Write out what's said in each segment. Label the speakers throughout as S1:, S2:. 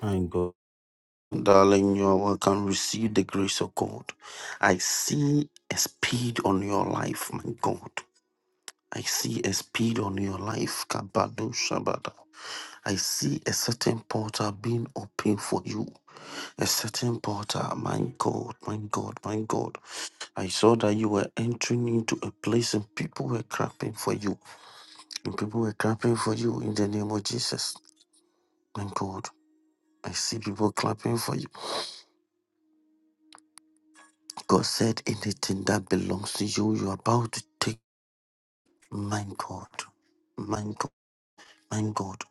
S1: Thank God. Darling, you are welcome. Receive the grace of God. I see a speed on your life, my God. I see a speed on your life, Kabado Shabada. I see a certain portal being open for you. A certain portal, my God, my God, my God. I saw that you were entering into a place and people were clapping for you. And people were clapping for you in the name of Jesus. My God. I see people clapping for you. God said, anything that belongs to you, you're about to take. My God, my God, my God.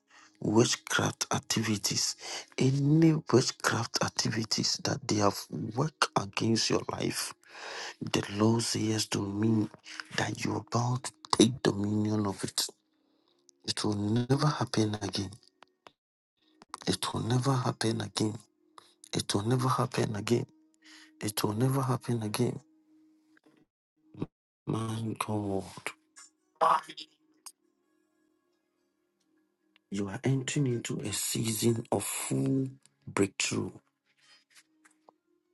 S1: Witchcraft activities, any witchcraft activities that they have worked against your life, the Lord says to me that you're about to take dominion of it. It will never happen again. It will never happen again. It will never happen again. It will never happen again. My God. You are entering into a season of full breakthrough,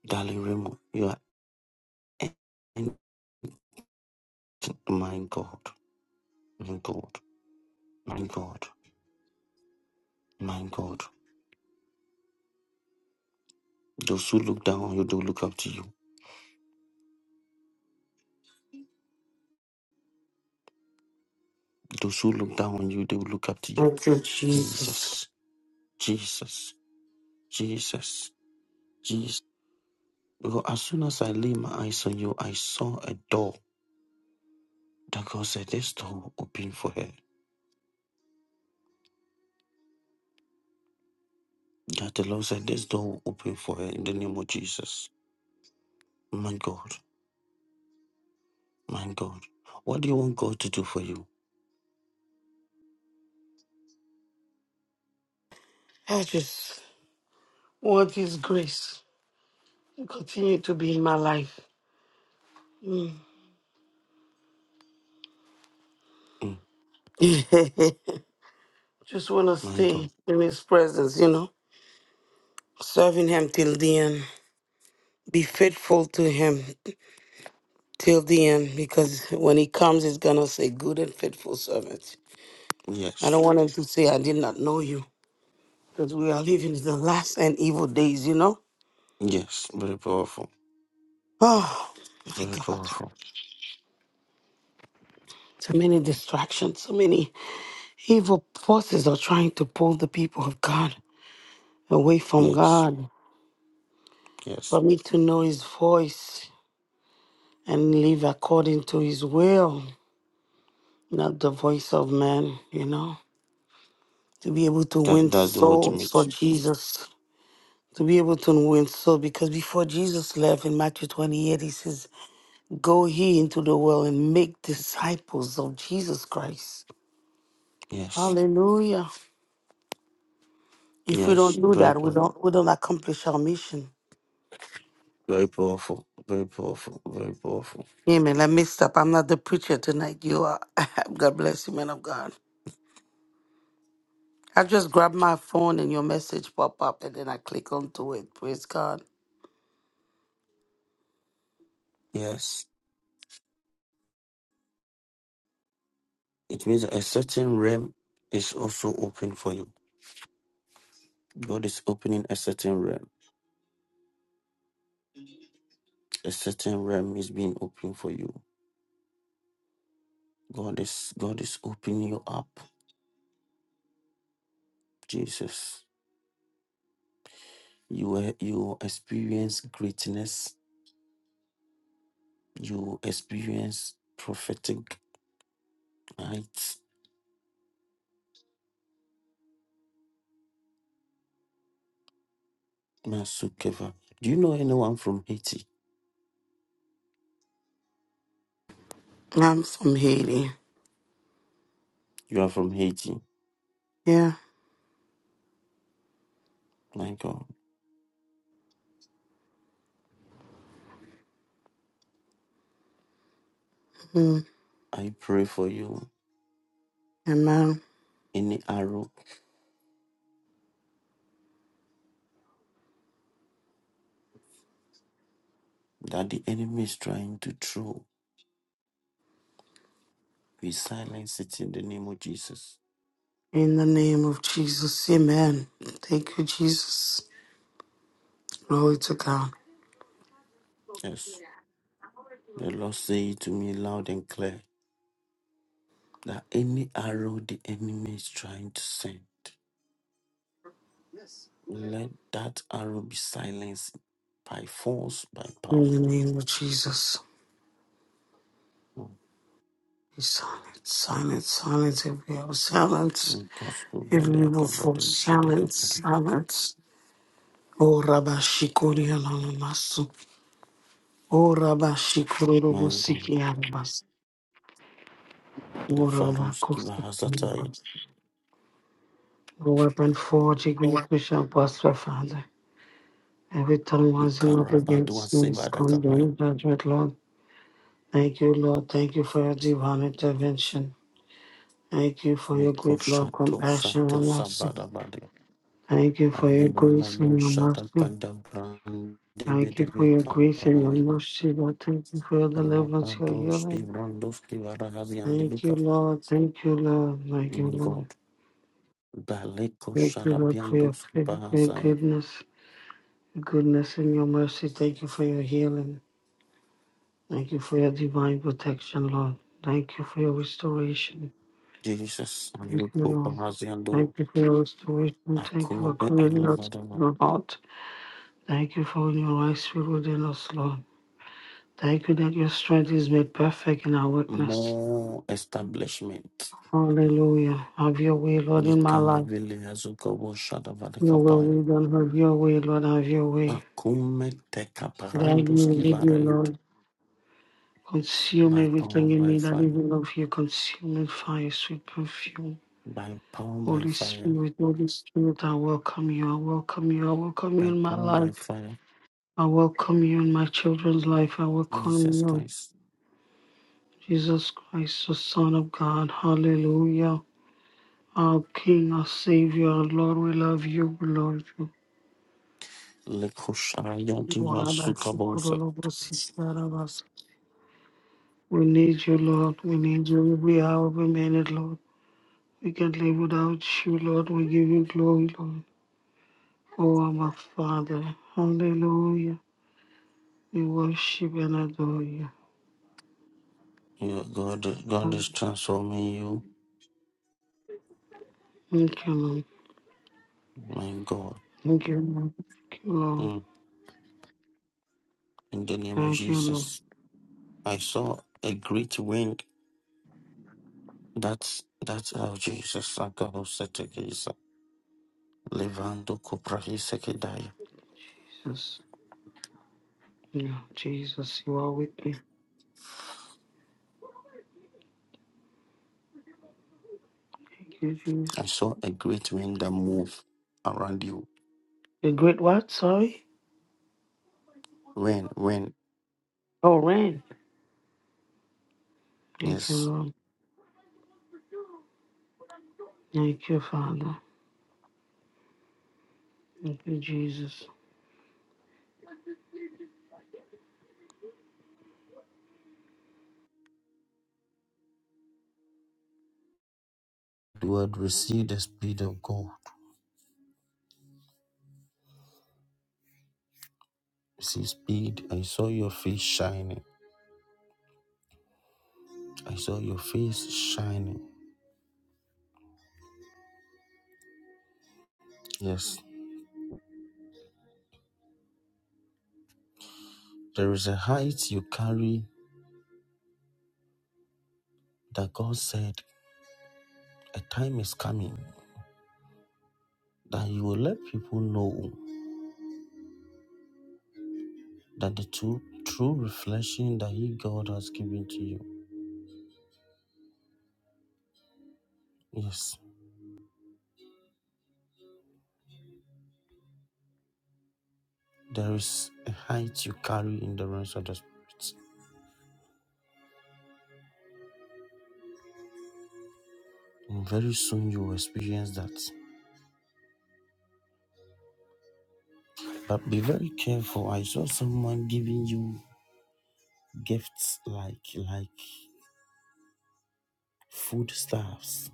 S1: darling Remo. You are entering, my God, my God, my God, my God. Those who look down on you, they will look up to you. Those who look down on you, they will look up to you.
S2: Thank you, Jesus.
S1: Jesus, Jesus, Jesus, Jesus. Because as soon as I laid my eyes on you, I saw a door that God said, This door will open for her. That the Lord said, This door will open for her in the name of Jesus. My God. My God. What do you want God to do for you?
S2: I just want His grace to continue to be in my life. Mm.
S1: Mm,
S2: just want to
S1: my God.
S2: stay in His presence, you know, serving Him till the end. Be faithful to Him till the end because when He comes, He's going to say, Good and faithful servant. I
S1: Yes.
S2: don't want Him to say, I did not know you because we are living in the last and evil days, you know.
S1: Yes. Very powerful.
S2: Oh, my
S1: Very
S2: God.
S1: powerful.
S2: So many distractions, so many Evil forces are trying to pull the people of God away from
S1: Yes.
S2: God,
S1: Yes.
S2: for me to know His voice and live according to His will, not the voice of man, you know, to be able to
S1: That,
S2: win
S1: that's the
S2: souls
S1: ultimate.
S2: for Jesus. To be able to win souls, because before Jesus left in Matthew 28, he says, Go ye into the world and make disciples of Jesus Christ.
S1: Yes.
S2: Hallelujah. If we
S1: Yes.
S2: don't do
S1: Very
S2: that, we
S1: powerful.
S2: don't we don't accomplish our mission.
S1: Very powerful. Very powerful. Very powerful.
S2: Amen. I mixed up. I'm not the preacher tonight. You are. God bless you, man of God. I just grabbed my phone and your message pop up and then I click onto it. Praise God.
S1: Yes. It means a certain realm is also open for you. God is opening a certain realm. A certain realm is being opened for you. God is God is opening you up. Jesus. You will, you experience greatness. You experience prophetic heights. Masukeva. Do you know anyone from Haiti?
S2: I'm from Haiti.
S1: You are from Haiti.
S2: Yeah.
S1: My God,
S2: Mm.
S1: I pray for you.
S2: Amen.
S1: Any arrow that the enemy is trying to throw, we silence it in the name of Jesus.
S2: In the name of Jesus. Amen. Thank you, Jesus. Glory to God.
S1: Yes. The Lord say it to me loud and clear that any arrow the enemy is trying to send, let that arrow be silenced by force, by power.
S2: In the name of Jesus. Be silent, silence, silence, every hour, silence, every
S1: Kasugalia
S2: evil force,
S1: kabadu shedeke
S2: silence,
S1: padu.
S2: silence. Oh, Rabbi Shikori, Ora bashikororo
S1: My
S2: busiki
S1: God,
S2: arabas. Ora
S1: Lefaruski
S2: bakosi.
S1: Vahasataya,
S2: No weapon forged against me shall prosper, Father. Every tongue rising up
S1: Ikarabadua
S2: against me is
S1: Sevada Kabaya,
S2: condemned, judgment, Lord. Thank you, Lord. Thank you for your divine intervention. Thank you for your
S1: Meko
S2: great love,
S1: Shato
S2: compassion,
S1: Sato
S2: and mercy.
S1: Sabadabade,
S2: Thank you for your
S1: Aliva
S2: grace
S1: Lamo
S2: and your
S1: Shata
S2: mercy.
S1: Kanda Brande
S2: Thank you for
S1: Bedebe
S2: your grace and your
S1: Kabaya,
S2: mercy, Lord. Thank you for your deliverance, your
S1: Rabadoski
S2: healing.
S1: Brandoski Varahazian
S2: Thank you,
S1: Debika,
S2: Lord. Thank you, Lord. Thank you,
S1: my
S2: Lord.
S1: God, Daleko
S2: Thank you, Lord, for your,
S1: Shadabiandoski
S2: fav- your
S1: Bahazaya,
S2: goodness, your goodness and your mercy. Thank you for your healing. Thank you for your divine protection, Lord. Thank you for your restoration.
S1: Jesus,
S2: Thank you,
S1: Aliko
S2: Lord.
S1: Bahaziando,
S2: Thank you for your restoration. Thank you for
S1: Akobe
S2: creating us
S1: Alavada
S2: in your heart. Thank you for your right spirit within us, Lord. Thank you that your strength is made perfect in our weakness.
S1: more establishment.
S2: Hallelujah. Have your way, Lord, in my life.
S1: Nikalevile Azukobo
S2: Your will
S1: Shadavadakapaya.
S2: be done. Have your way, Lord. Have your way.
S1: Pakume
S2: Guide me
S1: Tekaparandus
S2: and lead me, Lord.
S1: Kivarent.
S2: Consume
S1: By power,
S2: everything in
S1: by
S2: me that
S1: fire.
S2: even of you, Consume in fire, sweet perfume.
S1: By power, by
S2: Holy
S1: fire.
S2: Spirit, Holy Spirit, I welcome you. I welcome you. I welcome you
S1: By
S2: in my
S1: power,
S2: life.
S1: by fire.
S2: I welcome you in my children's life. I welcome
S1: Jesus
S2: you,
S1: Christ.
S2: Jesus Christ, the Son of God. Hallelujah. Our King, our Savior, our Lord, we love you. We love you.
S1: Lekushayantiva Sukabosa.
S2: We need you, Lord. We need you every hour, every minute, Lord. We can't live without you, Lord. We give you glory, Lord. Oh, our Father. Hallelujah. We worship and adore you.
S1: Your God, God is transforming you.
S2: Thank you, Lord.
S1: My God.
S2: Thank you, Lord. Thank you, Lord.
S1: Mm. In the name of
S2: Thank you, Lord.
S1: Jesus. I saw a great wind That's that's how Jesus Agarosetekisa Levando Kuprahisekidaya.
S2: Jesus. Yeah, Jesus, you are with me. Thank you, Jesus.
S1: I saw a great wind that move around you.
S2: The great what? Sorry?
S1: When when
S2: Oh, rain. Thank you,
S1: yes.
S2: Lord. Thank you, Father. Thank you, Jesus.
S1: The word receive the speed of God. Receive speed. I saw your face shining. I saw your face shining. Yes. There is a height you carry that God said a time is coming that you will let people know that the true true reflection that He God has given to you. Yes There is a height you carry in the realms of the spirit. And very soon you will experience that. But be very careful. I saw someone giving you gifts like like food stuffs.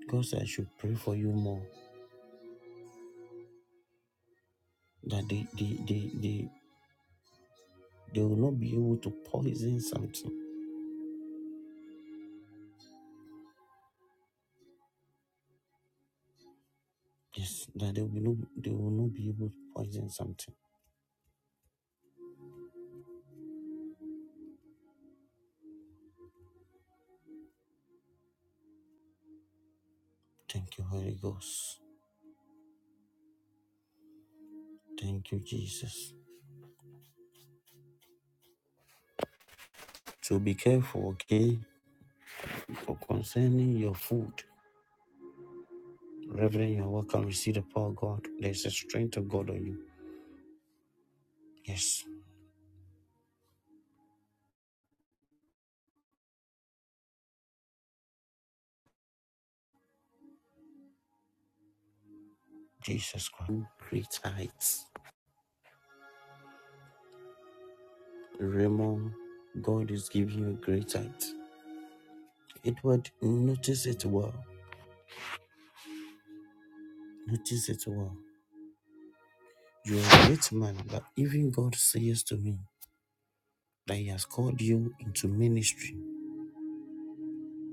S1: Because I should pray for you more. That they they, they, they, they will not be able to poison something. Yes, that they will not they will not be able to poison something. Thank you, Holy Ghost. Thank you, Jesus. So be careful, okay? For concerning your food. Reverend, you're welcome. Receive the power of God. There's a strength of God on you. Yes, Jesus Christ. Great heights. Raymond, God is giving you a great height. Edward, notice it well. Notice it well. You're a great man, but even God says to me that He has called you into ministry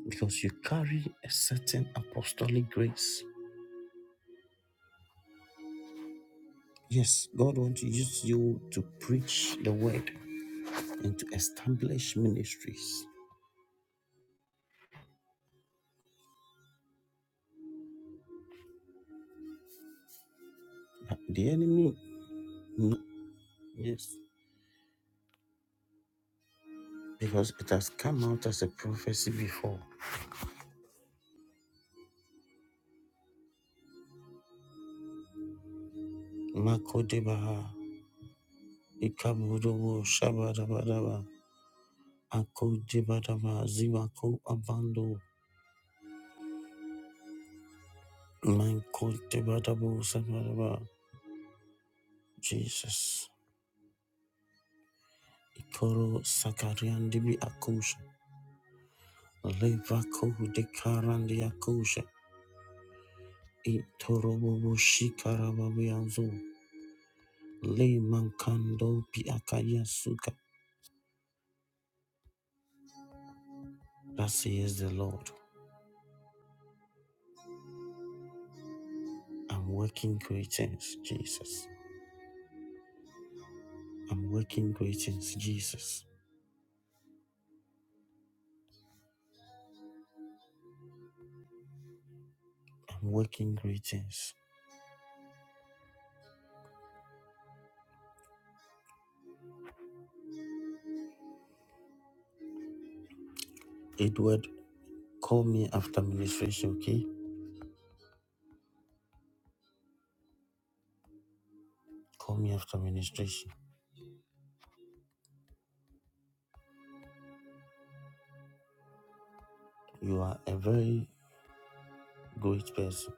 S1: because you carry a certain apostolic grace. Yes, God wants to use you to preach the word and to establish ministries. But the enemy no, Yes, because it has come out as a prophecy before. Makodebaha, Ikabudobo, Shabadabadaba, Akodebadaba, Zibako, Abando, Mankodebadabo, Sabadaba, Jesus, Ikoro, Sakarian, Dibi Akosha, Levako, Dekaran, the Akosha, Itorobo, Shikarababianzo, Le Mankando, Piakaya Suka. That says the Lord. I'm working great things, Jesus. I'm working great things, Jesus. I'm working great things. Edward, call me after ministration, okay? Call me after ministration. You are a very great person,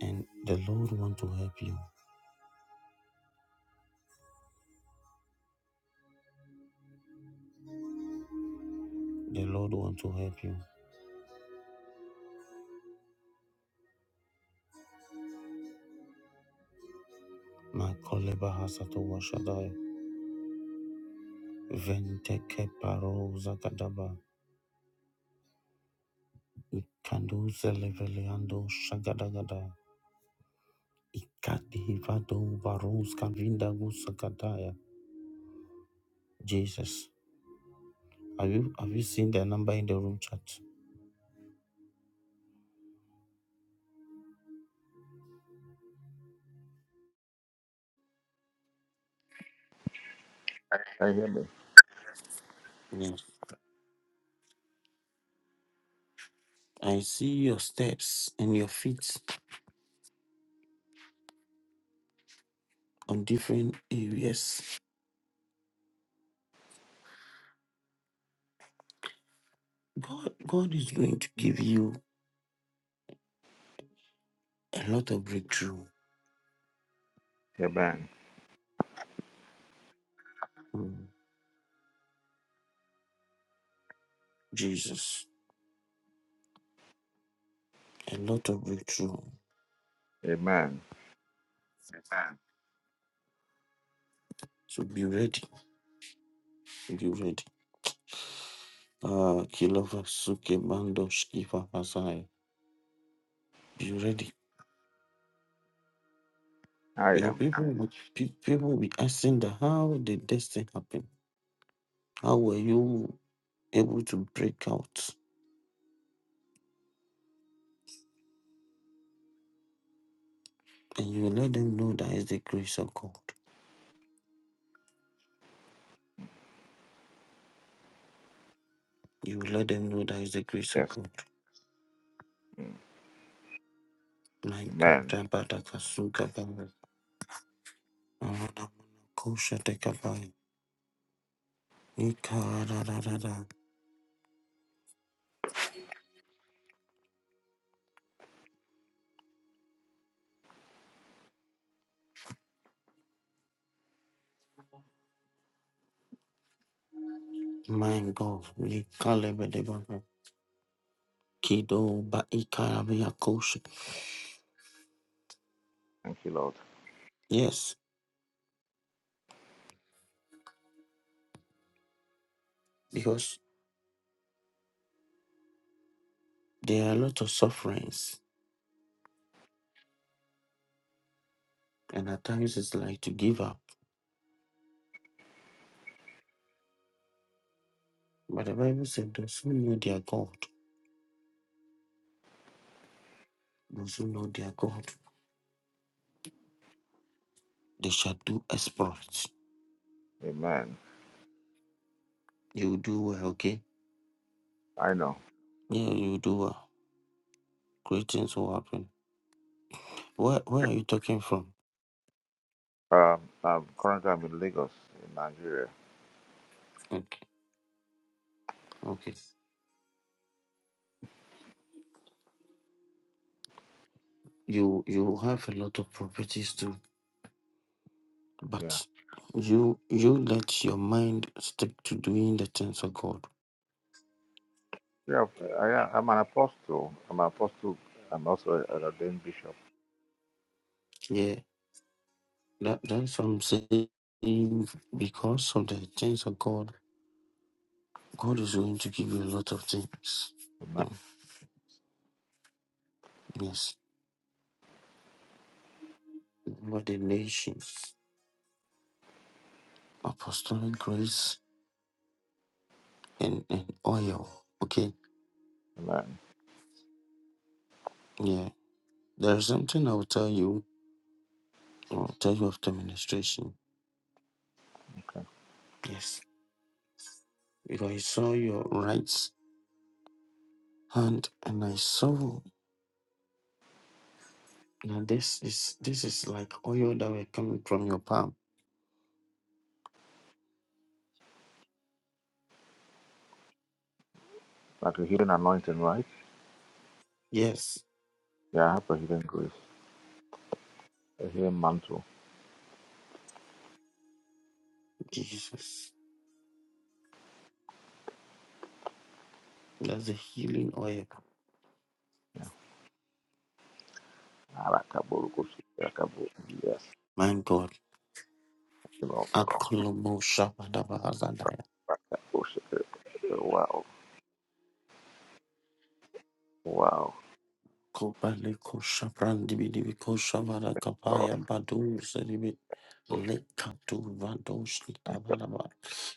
S1: and the Lord want to help you. The Lord want to help you. My koleba hasato washadai. Venteke paro zakadaba. Ikando zeleveleando shagadagada. Ikadivado baruz kavinda gusakataya. Jesus. Have you have you seen their number in the room chat?
S3: I hear me?
S1: Yes. I see your steps and your feet on different areas. God, God is going to give you a lot of breakthrough.
S3: Amen.
S1: Mm. Jesus, a lot of breakthrough.
S3: Amen.
S1: So be ready. Be ready. Ah, Kilova Suke Mando Skifa Masai. Be ready.
S3: I
S1: Your
S3: am.
S1: people will, pe- people will be asking the how did this thing happen? How were you able to break out? And you will let them know that is the grace of God. You will let them know that is the grace of
S3: Yes.
S1: God.
S3: Mm.
S1: My God,
S3: Amen.
S1: Abadakasugabara, Aradamanakoshadekabai, Ikaradadada. my God, Ikalebedebara, Kido ba Ikarabiakosha.
S3: Thank you, Lord.
S1: yes, because there are a lot of sufferings, and at times it's like to give up. But the Bible said, Those who know their God, those who know their God, they shall do exploits.
S3: Amen.
S1: You will do well, okay?
S3: I know.
S1: Yeah, you do well. Great things will happen. Where where are you talking from?
S3: Um, I'm currently I'm in Lagos, in Nigeria.
S1: Okay. Okay. You you have a lot of properties too,
S3: Yeah.
S1: but you you let your mind stick to doing the things of God.
S3: Yeah. I, I'm an apostle. I'm an apostle. I'm also an ordained bishop.
S1: Yeah. That that's what I'm saying. Because of the things of God, God is going to give you a lot of things.
S3: Amen.
S1: Mm, Yes. Remember the nations, apostolic grace and, and oil. Okay.
S3: Amen.
S1: Yeah. There's something I will tell you or type of demonstration. Yes, because I saw your right hand and I saw now this is this is like oil that were coming from your palm.
S3: Like a healing anointing, right?
S1: Yes,
S3: Yeah, I have a healing grace, a healing mantle.
S1: Jesus. That's a healing oil.
S3: Yeah. Arakaburukushi, arakabu- Yes.
S1: My God.
S3: You know,
S1: Akolomo Shabadabahazadaya.
S3: bullshit. Wow. Wow.
S1: Kobale kosha brandi bidi bi kosha vara
S3: Oh,
S1: kapaya badu seribi leka tu vado shita vada ba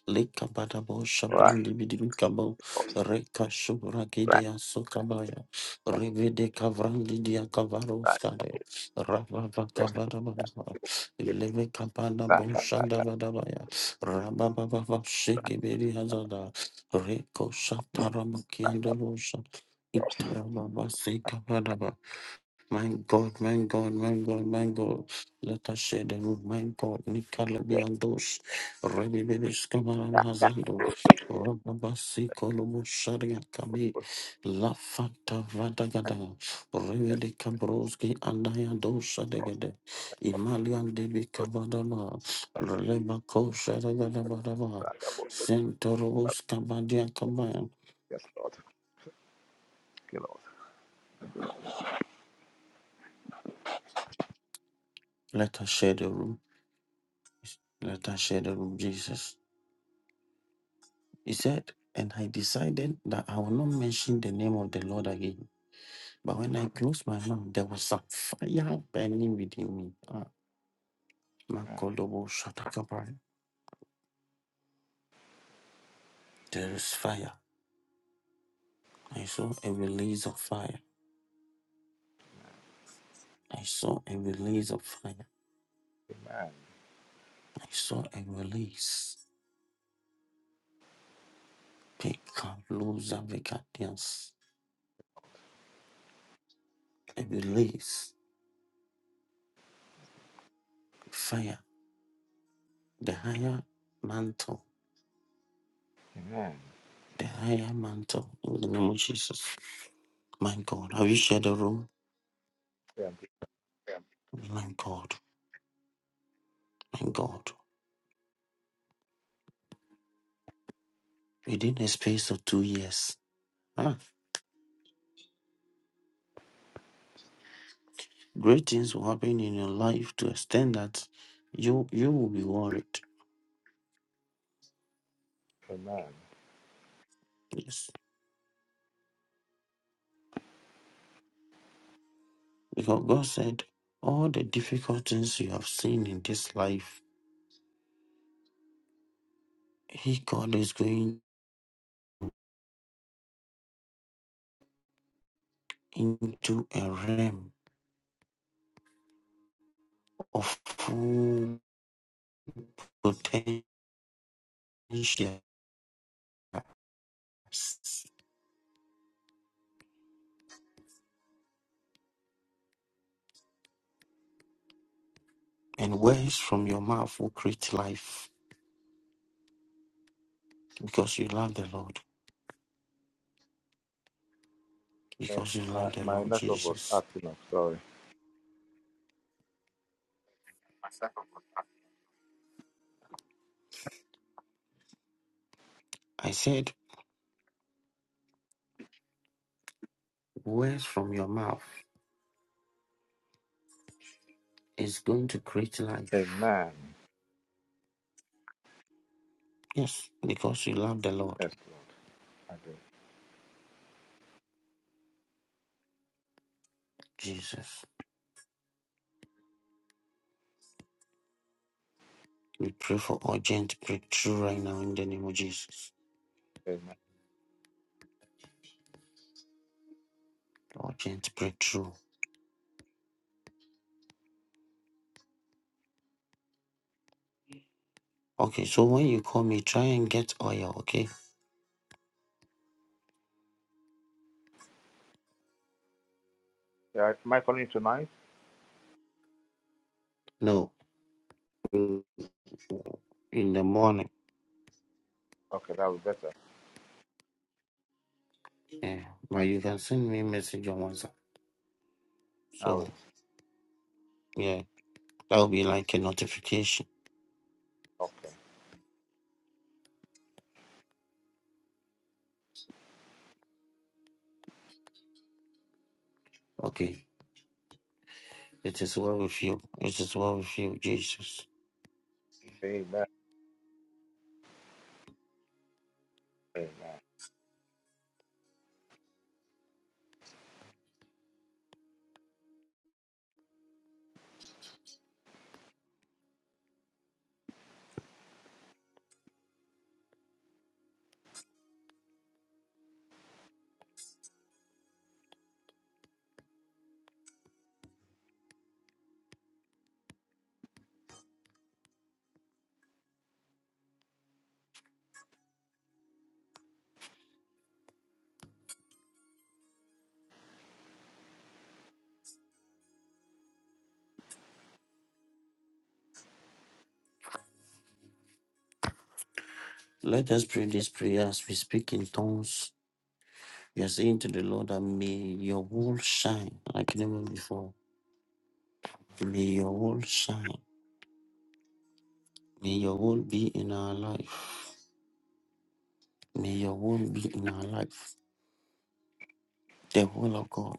S1: leka bada bo
S3: right. Right.
S1: shabrandi bidi bi kabo reka shubra gide ya sokabaya revede kavrandi dia kavaro
S3: Right.
S1: skade rava vaka vada vada ba leve kabada
S3: Right.
S1: bo shanda vada baya rava vava vava shiki bidi hazada reko shatara makiando Itarababa, Sekabadaba. My God, my God, my God, my God. Let us share the room, my God.
S3: Right.
S1: Nikalabiandos, Rebibibis Kamaram Hazando, Rababasi Kolobo Sharia Kabi, La Fanta Vadagada, Rebede Kabroski Andaya Dosa Degade, Imalian Debi Kabadama, Rebako Sharagadabadaba, Sentorobos Kabadia Kabayan.
S3: Yes, Lord. Okay, Lord.
S1: Let us share the room. Let us share the room, Jesus. He said, and I decided that I will not mention the name of the Lord again. But when I closed my mouth, there was a fire burning within me. Ah, Makolobo Shatakabai. There is fire. I saw a release of fire. I saw a release of fire.
S3: Amen.
S1: I saw a release. Pekaluza vekatias. A release. Fire. The higher mantle.
S3: Amen.
S1: The higher mantle. In the name of Jesus. My God, have you shared the room?
S3: Yeah,
S1: My God, my God. Within a space of two years, ah, great things will happen in your life to extend that you you will be worried.
S3: amen.
S1: Yes. Because God said, all the difficult things you have seen in this life, He God is going into a realm of full potentials. And words from your mouth will create life because you love the Lord.
S3: Yes,
S1: because you
S3: uh,
S1: love the
S3: my
S1: Lord
S3: network was
S1: Jesus.
S3: acting up. Sorry.
S1: I said, words from your mouth is going to create life.
S3: Amen.
S1: Yes, because you love the Lord
S3: Yes, Lord. I do.
S1: Jesus. We pray for urgent breakthrough right now in the name of Jesus.
S3: Amen.
S1: Urgent breakthrough. Okay, so when you call me, try and get oil, okay?
S3: Yeah, am I calling you tonight?
S1: No, in in the morning.
S3: Okay, that will be better.
S1: Yeah, but you can send me a message on WhatsApp.
S3: I will.
S1: So, yeah, that will be like a notification.
S3: Okay.
S1: Okay, it is well with you. It is well with you, Jesus.
S3: Amen. Amen.
S1: Let us pray this prayer as we speak in tongues. We are saying to the Lord that may your will shine like never before. May your will shine. May your will be in our life. May your will be in our life. The will of God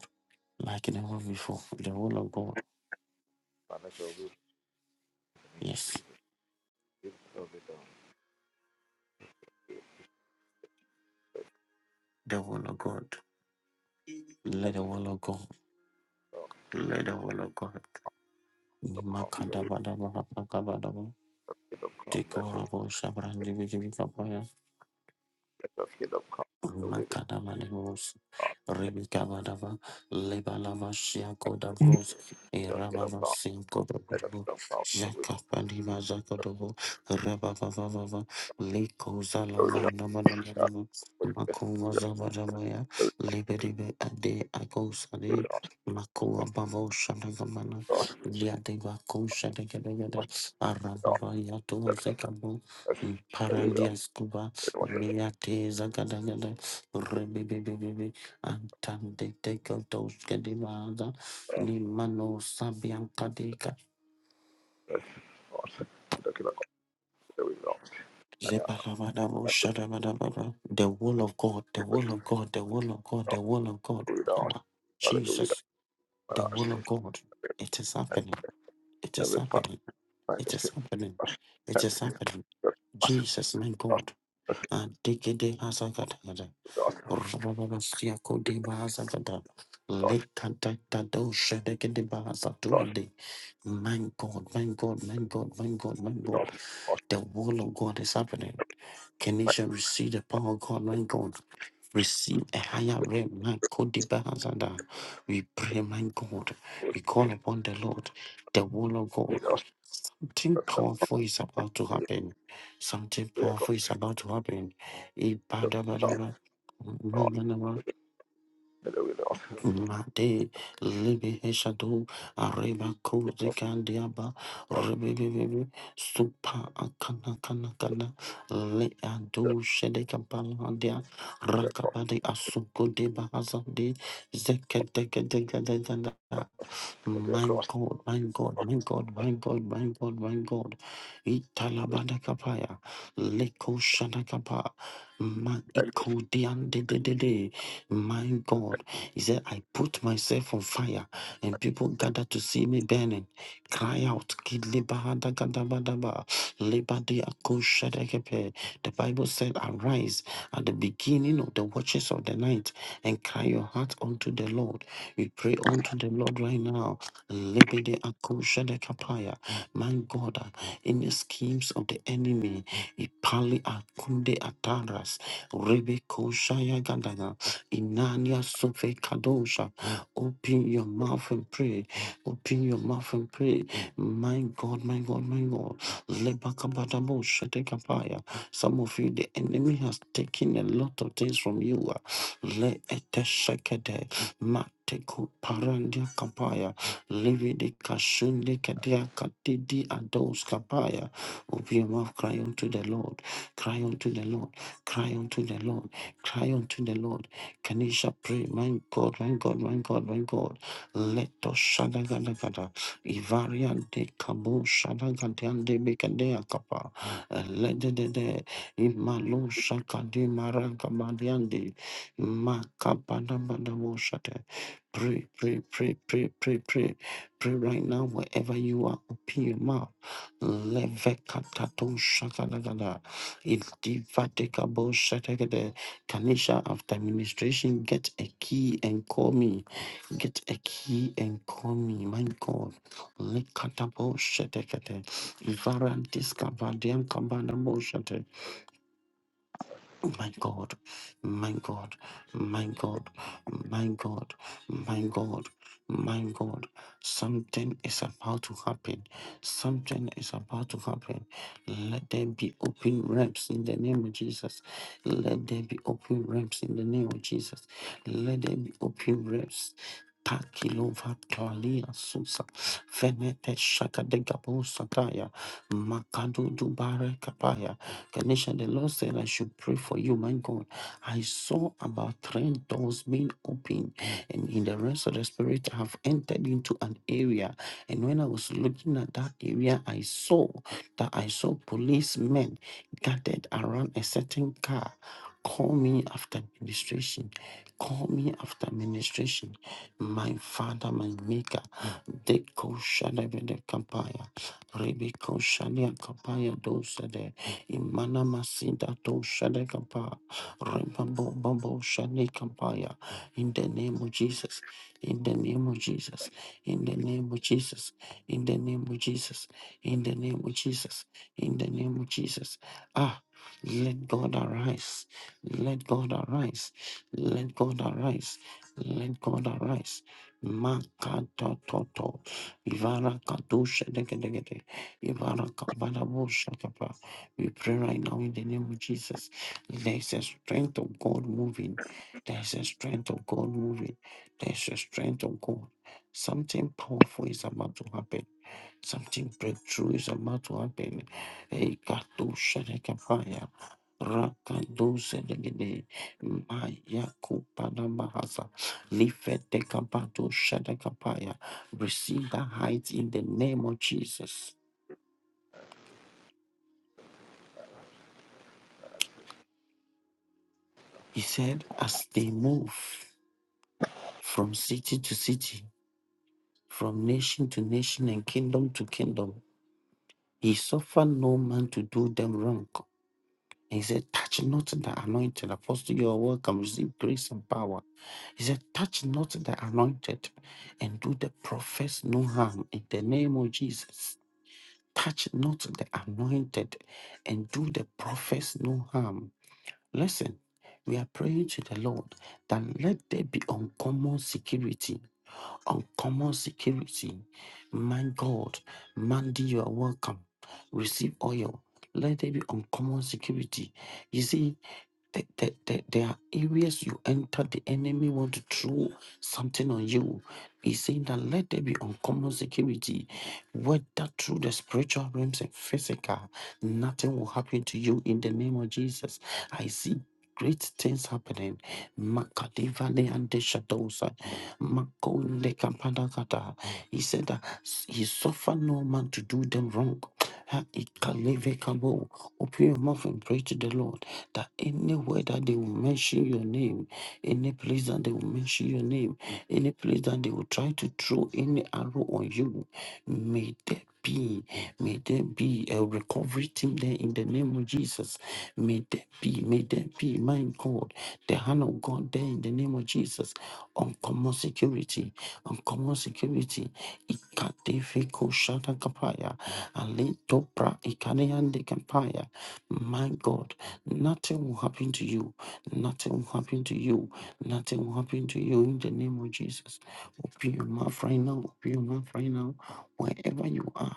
S1: like never before. The will of God.
S3: But let your will
S1: Yes.
S3: still be done.
S1: The will of God. Let the will of God. Let the will of God.
S3: Come, your will,
S1: Nimakadabadabadabadabadaba.
S3: kingdom come.
S1: Take
S3: Let
S1: over
S3: your let your kingdom come. The will be
S1: Makadaba Lebos, Ribicabadaba, Lebalava Siaco da
S3: done.
S1: Bros,
S3: Let your kingdom
S1: Irababa
S3: come.
S1: Cinco da
S3: Let your
S1: Brabo,
S3: kingdom come. The
S1: Jacapaniva Zacodobo, Rababava, Lico
S3: will be done. God,
S1: Zalamanamanaba,
S3: for this.
S1: Makova
S3: Let
S1: Zavadavaya,
S3: your
S1: Liberibe Ade
S3: will be done.
S1: Agosade, Makua Bavo Shadagamana,
S3: Lord. Wash
S1: Liadeva Kosha de Gadagada,
S3: it off.
S1: Arabava Yato
S3: Let
S1: Zekabo,
S3: us. The will
S1: Parandia Scuba,
S3: be done.
S1: Neate Zagadagada. Ribibibibi, antande teko toske di bada, ni mano sabianta deka.
S3: Yes, Lord. The killer computer will not. And the
S1: Zebalabadabo, shadabadabada. The will of God, the will
S3: operator
S1: of God, the will of God, the will of God,
S3: will not.
S1: power.
S3: Father, to will
S1: Jesus, the
S3: not.
S1: will of God. It is happening. It is
S3: Every part
S1: happening.
S3: my
S1: It is
S3: destiny.
S1: happening.
S3: Lost.
S1: It
S3: And it's
S1: is happening.
S3: got lost.
S1: Jesus, my
S3: Lost.
S1: God. And
S3: Lost.
S1: Rababasiako de Bazagada,
S3: Lost.
S1: Lekadadadosha de
S3: Lost.
S1: Gedebazatuande. My God, my God, my God, my God, my God.
S3: Lost. Lost.
S1: The will of God is happening.
S3: My
S1: Kenisha, receive the power of God, my God receive a higher realm. my God, the Bahazada. We pray, my God.
S3: will
S1: We call upon the Lord, the will of
S3: be
S1: God.
S3: lost.
S1: Something
S3: The killer
S1: powerful is about to
S3: will be
S1: happen. Something
S3: lost.
S1: powerful is about to happen. Ibadabadaba,
S3: And the will not.
S1: Mate libi heshadu areba kuzi kandiaba rebebebebe supa akana kana kana le adu shede kapalandia
S3: The
S1: rakabadi asuko de bahazandi zekete kete kete kete
S3: killer
S1: my God, my God, my God, my God, my God, my God. Italabada kapaya. Leko shana kapa. My
S3: will be lost.
S1: iko dian de de de de. My God. He said, I put myself on fire and people gather to see me burning. Cry out. Kidlebahada gadabadaba. Lebade ako shada kepe. The Bible said, arise at the beginning of the watches of the night and cry your heart unto the Lord we pray unto the Lord right now. Libede akusha de kapaya. My God, uh, any schemes of the enemy, Ipali akunde ataras, Rebe koshaya gadaga, Inania sofe kadosha. Open your mouth and pray. Open your mouth and pray. My God, my God, my God. Lebakabadabo shete kapaya. Some of you, the enemy has taken a lot of things from you. uh, Le ete shekede. Mateku parandia kapaya, lividi kashunde kadia katidi ados kapaya. Open your mouth, cry unto the Lord, cry unto the Lord, cry unto the Lord, cry unto the Lord. Kanisha pray, my God, my God, my God, my God. Let us shadagadagada. Ivaria de kabo shadagadiande bekadea kapa. Let the de de, imalo shakadi maragabadiande. Makabanabanamoshate. Pray, pray, pray, pray, pray, pray. Pray right now, wherever you are, open your mouth. Levekatato shakalagada. If divatekabo shategede. Kanisha, after administration, get a key and call me. Get a key and call me. My God. Lekatabo shategede. Varantiska vadiankabanamoshate. Oh my God, my God, my God, my God, my God, my God, something is about to happen. Something is about to happen. Let there be open ramps in the name of Jesus. Let there be open ramps in the name of Jesus. Let there be open ramps. Takilova Talia Susa Venete Shaka de Gabo Sataya Makadu Dubare Kapaya Kanisha, the Lord said I should pray for you, my God. I saw about three doors being open, and in the rest of the spirit, I have entered into an area. And when I was looking at that area, I saw that I saw policemen gathered around a certain car. Call me after administration. Call me after administration. My father, my maker. Deko Shadabede Kampaya. Rebeko Shalia Kapaya Dosade, Imana Masida Doshade Kapa, Rebabo Babo Shani Kapaya, in the name of Jesus, in the name of Jesus, in the name of Jesus, in the name of Jesus, in the name of Jesus, in the name of Jesus. Ah, let God arise, let God arise, let God arise, let God arise. Makata Ivara kadosha degedegede. Ivara kabala bosha kapa. We pray right now in the name of Jesus. There's a strength of God moving. There's a strength of God moving. There's a strength of God. Something powerful is about to happen. Something breakthrough is about to happen. Hey, kadosha dekapaya. Rakadose degede. Maya kupana mahasa. Lifete kapato shadakapaya receive that height in the name of Jesus. He said, as they move from city to city, from nation to nation, and kingdom to kingdom, he suffered no man to do them wrong. He said, Touch not the anointed. Apostle, you are welcome. Receive grace and power. He said, Touch not the anointed and do the prophets no harm in the name of Jesus. Touch not the anointed and do the prophets no harm Listen, we are praying to the Lord that let there be uncommon security uncommon security. My God, Mandy, you are welcome. Receive oil. Let there be uncommon security. You see, th- th- th- there are areas you enter the enemy want to throw something on you he's saying that let there be uncommon security whether through the spiritual realms and physical nothing will happen to you in the name of jesus i see Great things happening. Makadivale and the shadows. Makonde kampalakata. He said that he suffered no man to do them wrong. Ha, ikaleve kabo. Open your mouth and pray to the Lord that anywhere that they will mention your name, any place that they will mention your name, any place that they will try to throw any arrow on you, may there be, may there be a recovery team there in the name of Jesus. May there be, may there there be, my God, the hand of God there in the name of Jesus. Uncommon security, uncommon security. Ikatefiko shata kapaya, alito pra ikaniande kapaya. My God, nothing will happen to you. Nothing will happen to you. Nothing will happen to you in the name of Jesus. Open your mouth right now. Open your mouth right now. Wherever you are,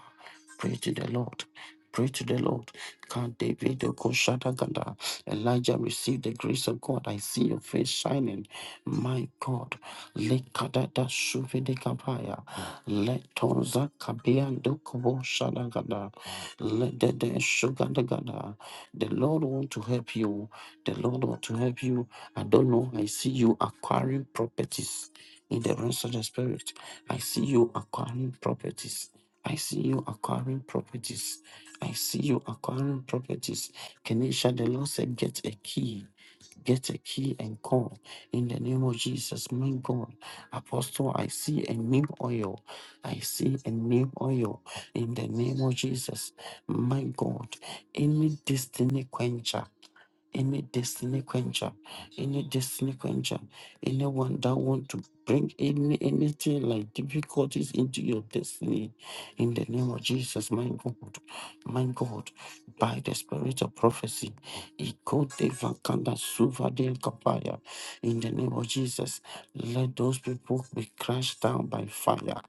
S1: pray to the Lord. Pray to the Lord. God, David, Okoshadagada. Elijah, receive the grace of God. I see your face shining. My God. Lekadada suvedekapaya. Letonza kabiando koboshadagada. Ledede sugadagada. The Lord want to help you. The Lord want to help you. I don't know. I see you acquiring properties in the realms of the spirit. I see you acquiring properties. I see you acquiring properties. I see you acquiring properties. Kenisha, the Lord said, get a key. Get a key and call in the name of Jesus, my God. Apostle, I see a new oil. I see a new oil in the name of Jesus, my God. Any destiny quencher, any destiny quencher, any destiny quencher, anyone that want to Bring any anything like difficulties into your destiny in the name of Jesus, my God, my God, by the spirit of prophecy. Ikote vakanda suvade kapaya. In the name of Jesus, let those people be crushed down by fire.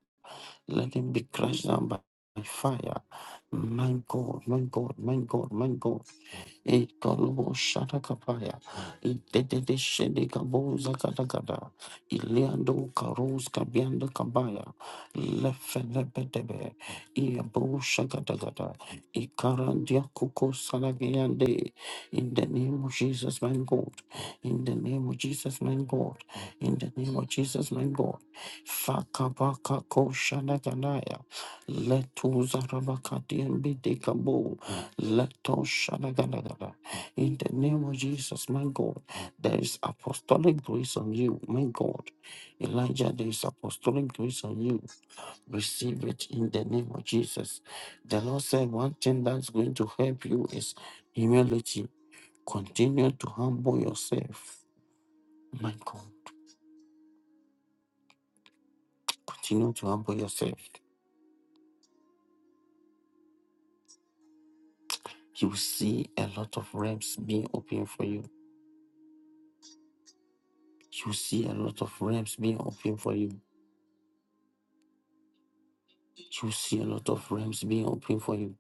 S1: Let them be crushed down by by fire. My God, my God, my God, my God. Ikolobo Shatakapaya, Idede Shedekaboza Katakata, Iliando Karus Kabianda Kabaya, Lefelebedebe, Iabo Shakatakata, Ikarandia Kuko Salagiande, in the name of Jesus, my God, in the name of Jesus, my God, in the name of Jesus, my God, Fakabaka Koshanagana. Leto Zarabakatian Bidekabo. Leto Shanagalagada. In the name of Jesus, my God, there is apostolic grace on you, my God. Elijah, there is apostolic grace on you. Receive it in the name of Jesus. The Lord said one thing that's going to help you is humility. Continue to humble yourself. My God, continue to humble yourself. You will see a lot of realms being open for you You see a lot of realms being open for you. You see a lot of realms being open for you.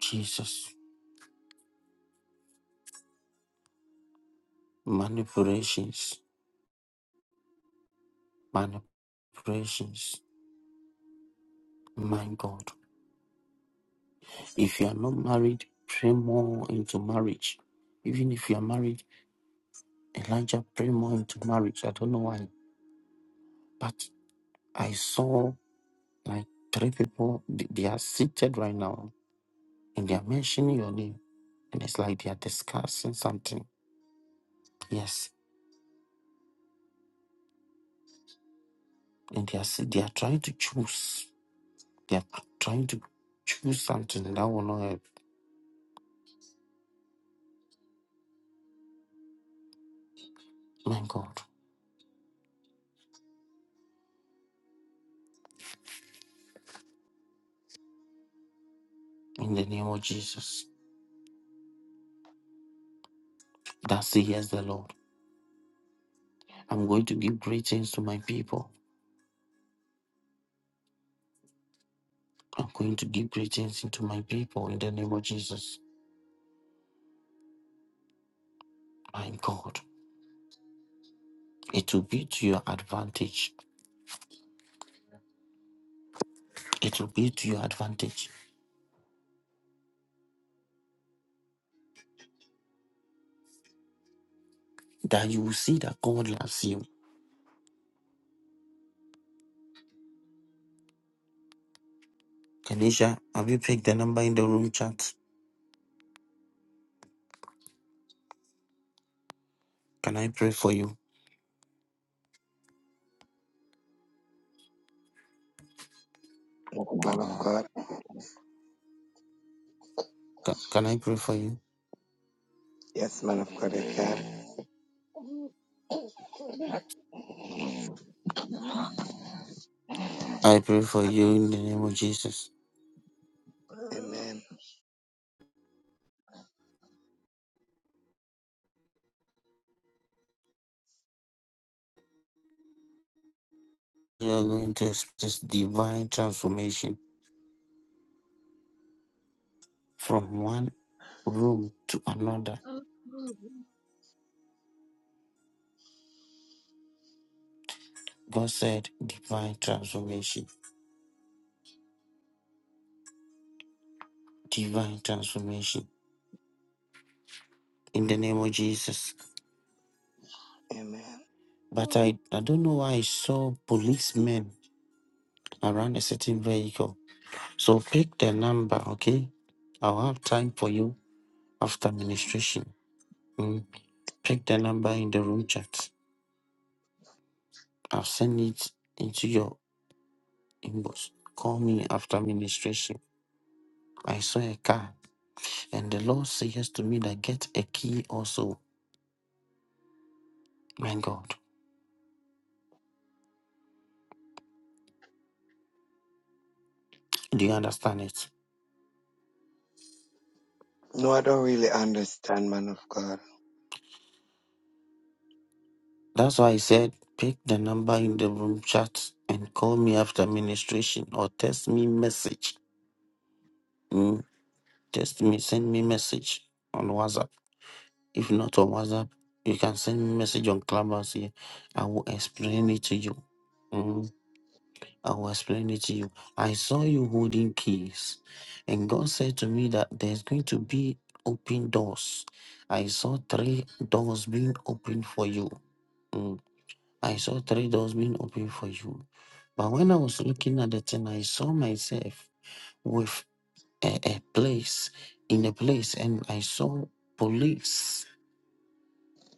S1: Jesus. Manipulations. Manipulations. My God. If you are not married, pray more into marriage. Even if you are married, Elijah, pray more into marriage. I don't know why. But I saw like three people, th- they are seated right now and they are mentioning your name. And it's like they are discussing something. Yes. And they are, s- they are trying to choose. They are trying to choose something that will not help. My God, in the name of Jesus, that says, yes, the Lord. I'm going to give great things to my people. I'm going to give great things into my people in the name of Jesus. My God, it will be to your advantage. It will be to your advantage that you will see that God loves you. Kanisha, have you picked the number in the room chat? Can I pray for you?
S4: Man of God.
S1: Ca- Can I pray for you?
S4: Yes, man of God, I can.
S1: I pray for you in the name of Jesus.
S4: Amen.
S1: We are going to experience divine transformation from one room to another. God said, divine transformation, divine transformation in the name of Jesus.
S4: Amen.
S1: But I, I don't know why I saw policemen around a certain vehicle. So pick the number, okay? I'll have time for you after ministration. Mm. Pick the number in the room chat. I'll send it into your inbox. Call me after ministration. I saw a car And the Lord says to me that get a key also. My God. Do you understand it?
S4: No, I don't really understand, man of God.
S1: That's why I said pick the number in the room chat and call me after administration or text me message. Mm, text me, send me message on WhatsApp. If not on WhatsApp, you can send me message on Clubhouse here. I will explain it to you. Hmm? I will explain it to you. I saw you holding keys, and God said to me that there's going to be open doors. I saw three doors being opened for you. Mm. I saw three doors being opened for you. But when I was looking at the thing, I saw myself with a, a place in a place, and I saw police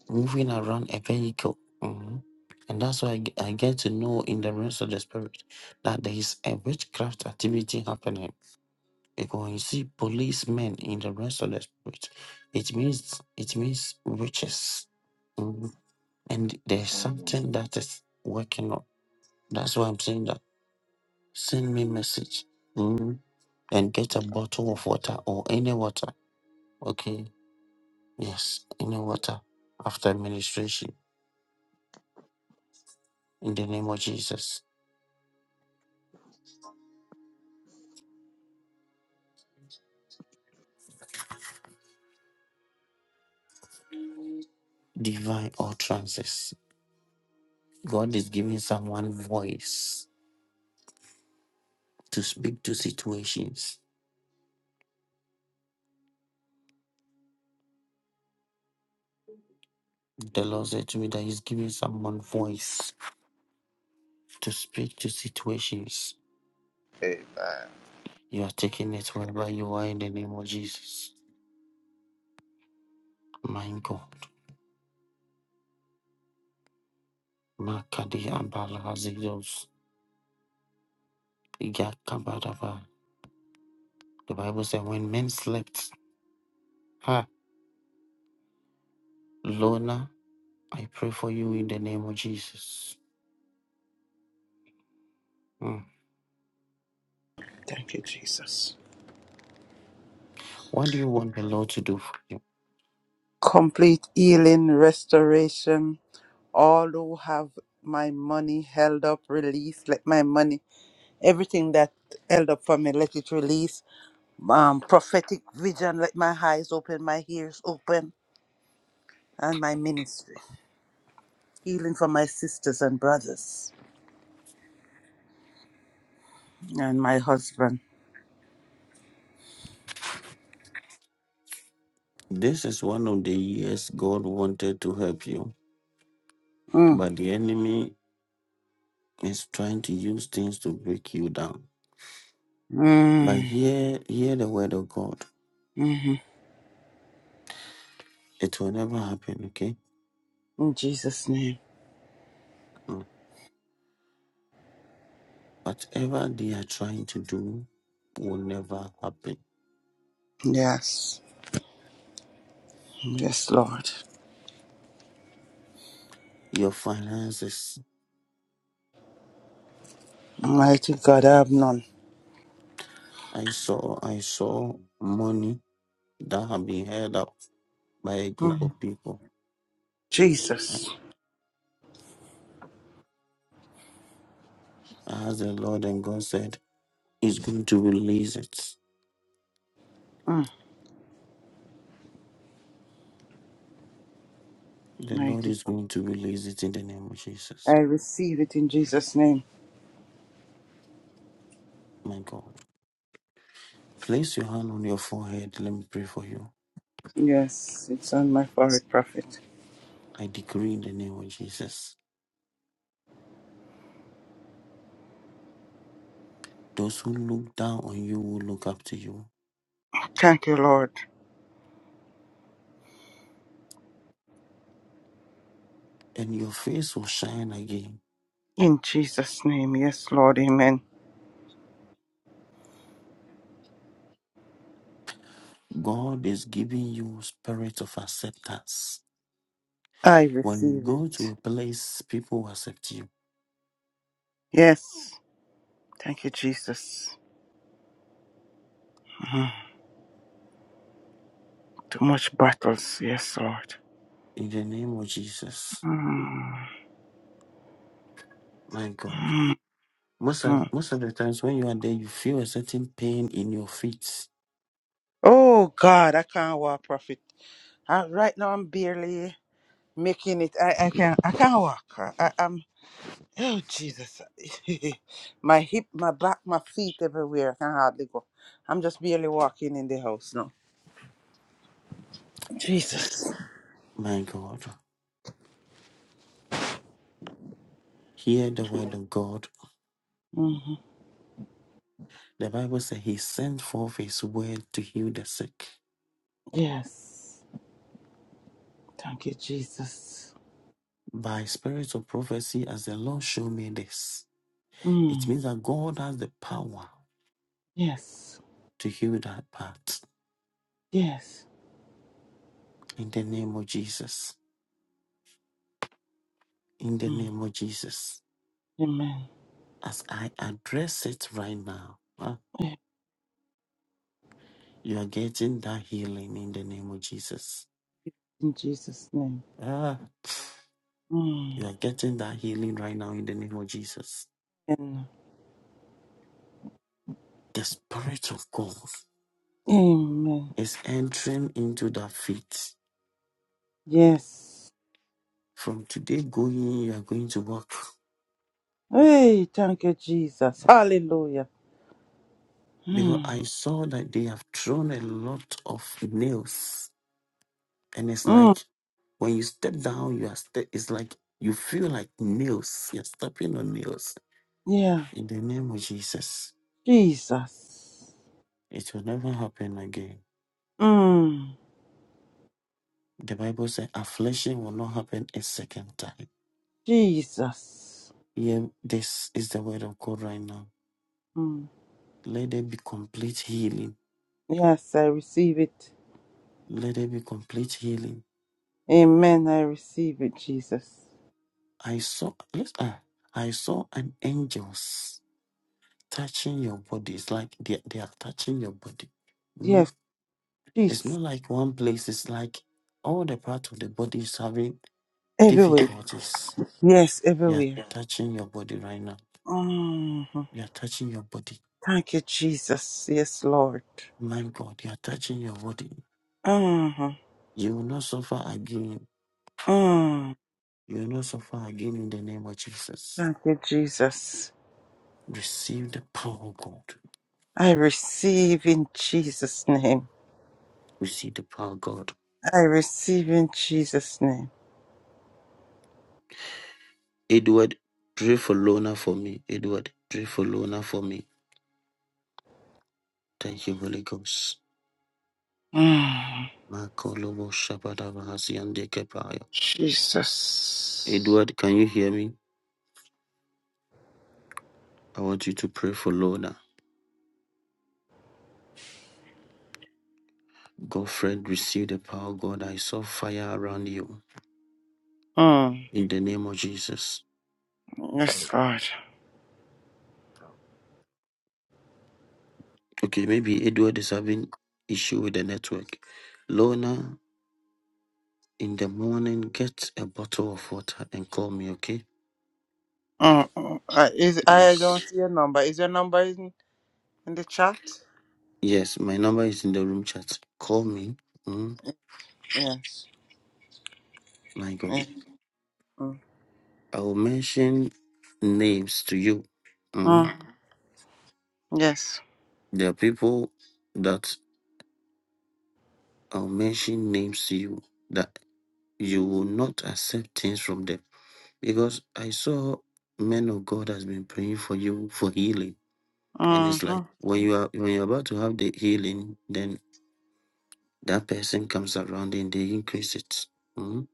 S1: moving around a vehicle. Mhm. And that's why I ge- I get to know in the realms of the spirit that there is a witchcraft activity happening. Because when you see policemen in the realms of the spirit, it means it means witches. Mhm. And there's something that is working on. That's why I'm saying that send me message Mhm. and get a bottle of water or any water. Okay. Yes, any water after administration in the name of Jesus. divine utterances. God is giving someone voice to speak to situations. The Lord said to me that He's giving someone voice to speak to situations.
S3: Amen.
S1: You are taking it wherever you are in the name of Jesus. My God. Makadi Abala Hazidos. Yakabadaba. The Bible said, when men slept, ha, Lona, I pray for you in the name of Jesus. Mm.
S5: Thank you, Jesus.
S1: What do you want the Lord to do for you?
S5: Complete healing, restoration. All who have my money held up, release. Let my money, everything that held up for me, let it release. Um, prophetic vision, let my eyes open, my ears open, and my ministry. Healing for my sisters and brothers and my husband.
S1: This is one of the years God wanted to help you,
S5: Mm.
S1: but the enemy is trying to use things to break you down. But
S5: Mm.
S1: hear, hear the word of God.
S5: hmm
S1: It will never happen, okay?
S5: In Jesus' name.
S1: Mm. Whatever they are trying to do will never happen.
S5: Yes. Yes, Lord.
S1: Your finances.
S5: Mighty God, I have none.
S1: I saw, I saw money that have been held up by a group
S5: Mm.
S1: of people. As
S5: Jesus.
S1: the Lord, and God said, He's going to release it.
S5: Mm.
S1: The Lord
S5: Mighty
S1: is
S5: God.
S1: going to release it in the name of Jesus.
S5: I receive it in Jesus' name.
S1: My God, place your hand on your forehead. Let me pray for you.
S5: Yes, it's on my forehead, prophet.
S1: I decree in the name of Jesus. Those who look down on you will look up to you,
S5: Thank you, Lord.
S1: and your face will shine again.
S5: In Jesus' name. Yes, Lord. Amen.
S1: God is giving you spirit of acceptance.
S5: I
S1: When you
S5: receive
S1: go to
S5: it.
S1: a place, people will accept you.
S5: Yes. Thank you, Jesus. Mm, too much battles. Yes, Lord.
S1: In the name of Jesus,
S5: Mm,
S1: my God.
S5: mm,
S1: Most of,
S5: mm.
S1: most of the times when you are there, you feel a certain pain in your feet.
S5: Oh, God, I can't walk, prophet. Uh, right now, I'm barely making it. I, I, can, I can't walk. I, am Oh Jesus. my hip, my back, my feet everywhere. I can hardly go. I'm just barely walking in the house now. Jesus.
S1: My God, hear the word of God
S5: hmm
S1: The Bible says he sent forth his word to heal the sick.
S5: Yes. Thank you, Jesus.
S1: By spirits of prophecy, as the Lord showed me this, it
S5: Mm.
S1: means that God has the power
S5: Yes.
S1: to heal that part.
S5: Yes.
S1: In the name of Jesus. In the
S5: Mm.
S1: name of Jesus.
S5: Amen.
S1: As I address it right now, ah, you are getting that healing in the name of Jesus.
S5: In Jesus' name.
S1: Ah,
S5: Mm.
S1: you are getting that healing right now in the name of Jesus.
S5: Amen.
S1: The Spirit of God
S5: Amen.
S1: is entering into that feet
S5: Yes.
S1: From today going, you are going to work.
S5: Hey, thank you, Jesus. Hallelujah.
S1: Because
S5: Mm.
S1: I saw that they have thrown a lot of nails. And it's like
S5: Mm.
S1: when you step down, you are ste- it's like you feel like nails. You're stepping on nails.
S5: Yeah.
S1: In the name of Jesus,
S5: Jesus.
S1: it will never happen again.
S5: Mm.
S1: The Bible says affliction will not happen a second time.
S5: Jesus.
S1: Yeah, this is the word of God right now.
S5: Mm.
S1: Let there be complete healing.
S5: Yes, I receive it.
S1: Let there be complete healing
S5: Amen. I receive it, Jesus.
S1: I saw yes, ah, I saw an angels touching your body. It's like they, they are touching your body. Mm,
S5: Yes,
S1: It's
S5: peace
S1: not like one place, it's like all the part of the body is having
S5: everywhere.
S1: difficulties.
S5: Yes,
S1: They are
S5: everywhere.
S1: touching your body right now.
S5: hmm
S1: They are touching your body.
S5: Thank you, Jesus. Yes, Lord.
S1: My God, they are touching your body.
S5: hmm
S1: You will not suffer again.
S5: Mm.
S1: You will not suffer again in the name of Jesus.
S5: Thank you, Jesus.
S1: Receive the power of God.
S5: I receive in Jesus' name.
S1: Receive the power of God.
S5: I receive in Jesus' name.
S1: Edward, pray for Lona for me. Edward, pray for Lona for me. Thank you, Holy Ghost.
S5: Mm.
S1: Makolobo Shabadabahasi and Dekepaya.
S5: Jesus.
S1: Edward, can you hear me? I want you to pray for Lona. Godfred, receive the power of God. I saw fire around you
S5: Mm.
S1: in the name of Jesus.
S5: Yes, Lord.
S1: Okay, maybe Edward is having issue with the network. Lona, in the morning, get a bottle of water and call me, okay?
S5: Oh, oh, I, is, I don't
S1: Yes.
S5: see your number. Is your number in, in the chat?
S1: Yes, my number is in the room chat. Call me. Mm.
S5: Yes.
S1: My God.
S5: yes. Mm.
S1: I will mention names to you. Mm.
S5: Mm. Yes.
S1: There are people that I'll mention names to you that you will not accept things from them. Because I saw men of God has been praying for you for healing. And it's like
S5: Mhm.
S1: when you are when you're about to have the healing, then that person comes around and they increase it. Mm.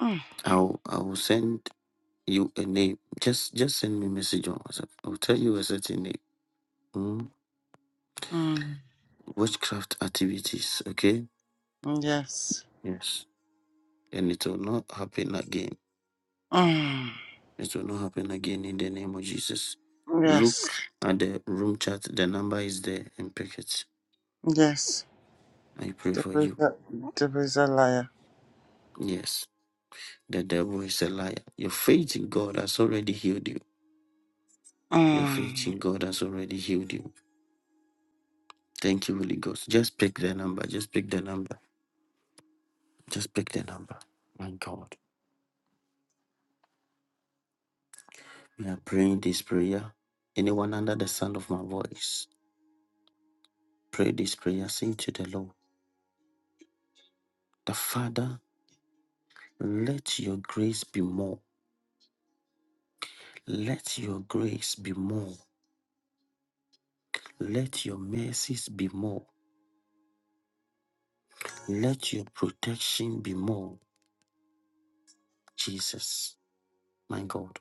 S5: Mm.
S1: I'll I will send you a name. Just just send me a message on WhatsApp. I'll tell you a certain name. Hmm?
S5: Mm.
S1: witchcraft activities, okay?
S5: Yes.
S1: Yes. And it will not happen again.
S5: Mm.
S1: It will not happen again in the name of Jesus. Look
S5: Yes.
S1: at the room chat. The number is there and pick it.
S5: Yes.
S1: I pray for
S5: Devil is
S1: you.
S5: a, devil is a liar.
S1: Yes. The devil is a liar. Your faith in God has already healed you. Your
S5: Mm.
S1: faith in God has already healed you. Thank you, Holy Ghost. Just pick the number. Just pick the number. Just pick the number. My God. We are praying this prayer. Anyone under the sound of my voice. Pray this prayer, sing to the Lord. The Father, let your grace be more. Let your grace be more. Let your mercies be more. Let your protection be more. Jesus, my God,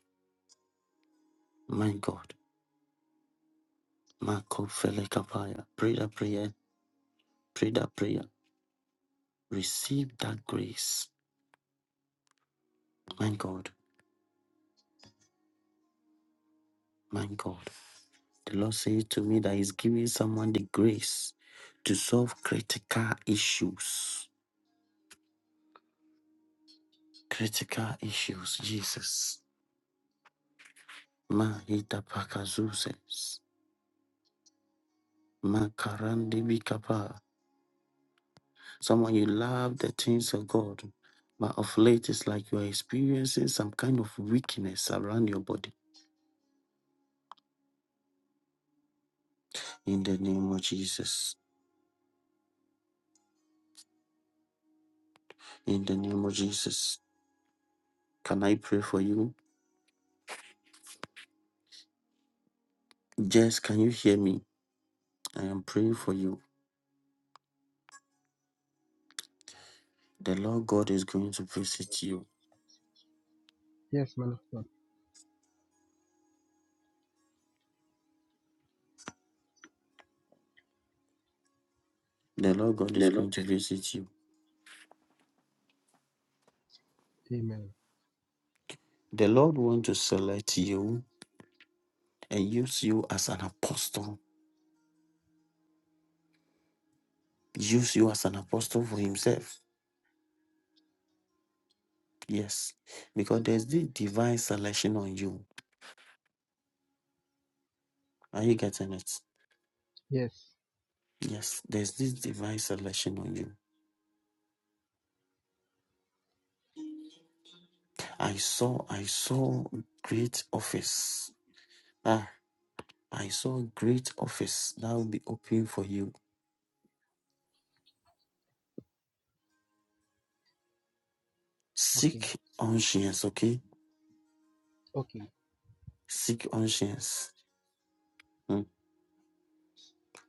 S1: my God. Marco Felekapaya. Pray that prayer. Pray that prayer. Receive that grace. My God, my God. The Lord says to me that He's giving someone the grace to solve critical issues. critical issues, Jesus. Mahita pakazuzes. Makarandi bikapa. Someone you love the things of God. But of late it's like you are experiencing some kind of weakness around your body. In the name of Jesus. In the name of Jesus. Can I pray for you? Jess, can you hear me? I am praying for you. The Lord God is going to visit you.
S6: Yes, man of God.
S1: The Lord God
S6: The
S1: is
S6: Lord
S1: going to
S6: God is with
S1: visit you.
S6: you. Amen.
S1: The Lord wants to select you. and use you as an apostle. Use you as an apostle for himself. Yes. Because there's this divine selection on you. Are you getting it?
S6: Yes.
S1: Yes, there's this divine selection on you. I saw, I saw great office. Ah, I saw great office that will be open for you.
S6: Okay.
S1: Seek conscience, okay?
S6: Okay.
S1: Seek conscience. Mm.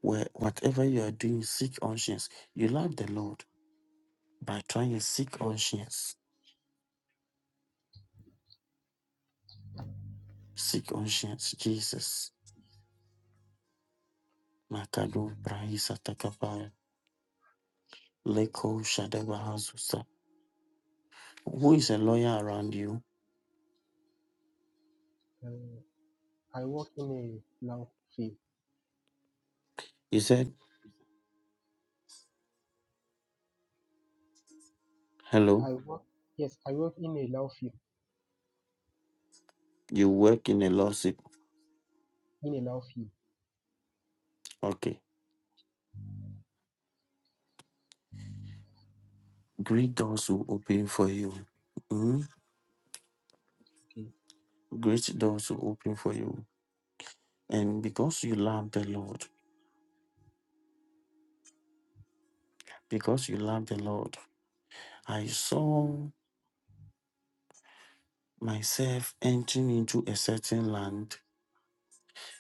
S1: Where whatever you are doing, seek conscience. You love the Lord by trying to seek
S6: Yes.
S1: conscience Seek conscience, Jesus. Makado Brahisa Takapaya. Leko Shadabahazusa. Who is a lawyer around you?
S6: Uh, I work in a love field.
S1: You said, hello,
S6: I work. Yes, I work in a love field.
S1: you work in a lawsuit.
S6: In a love field.
S1: Okay. Great doors will open for you. Mm?
S6: Okay.
S1: Great doors will open for you. And because you love the Lord, because you love the Lord, I saw myself entering into a certain land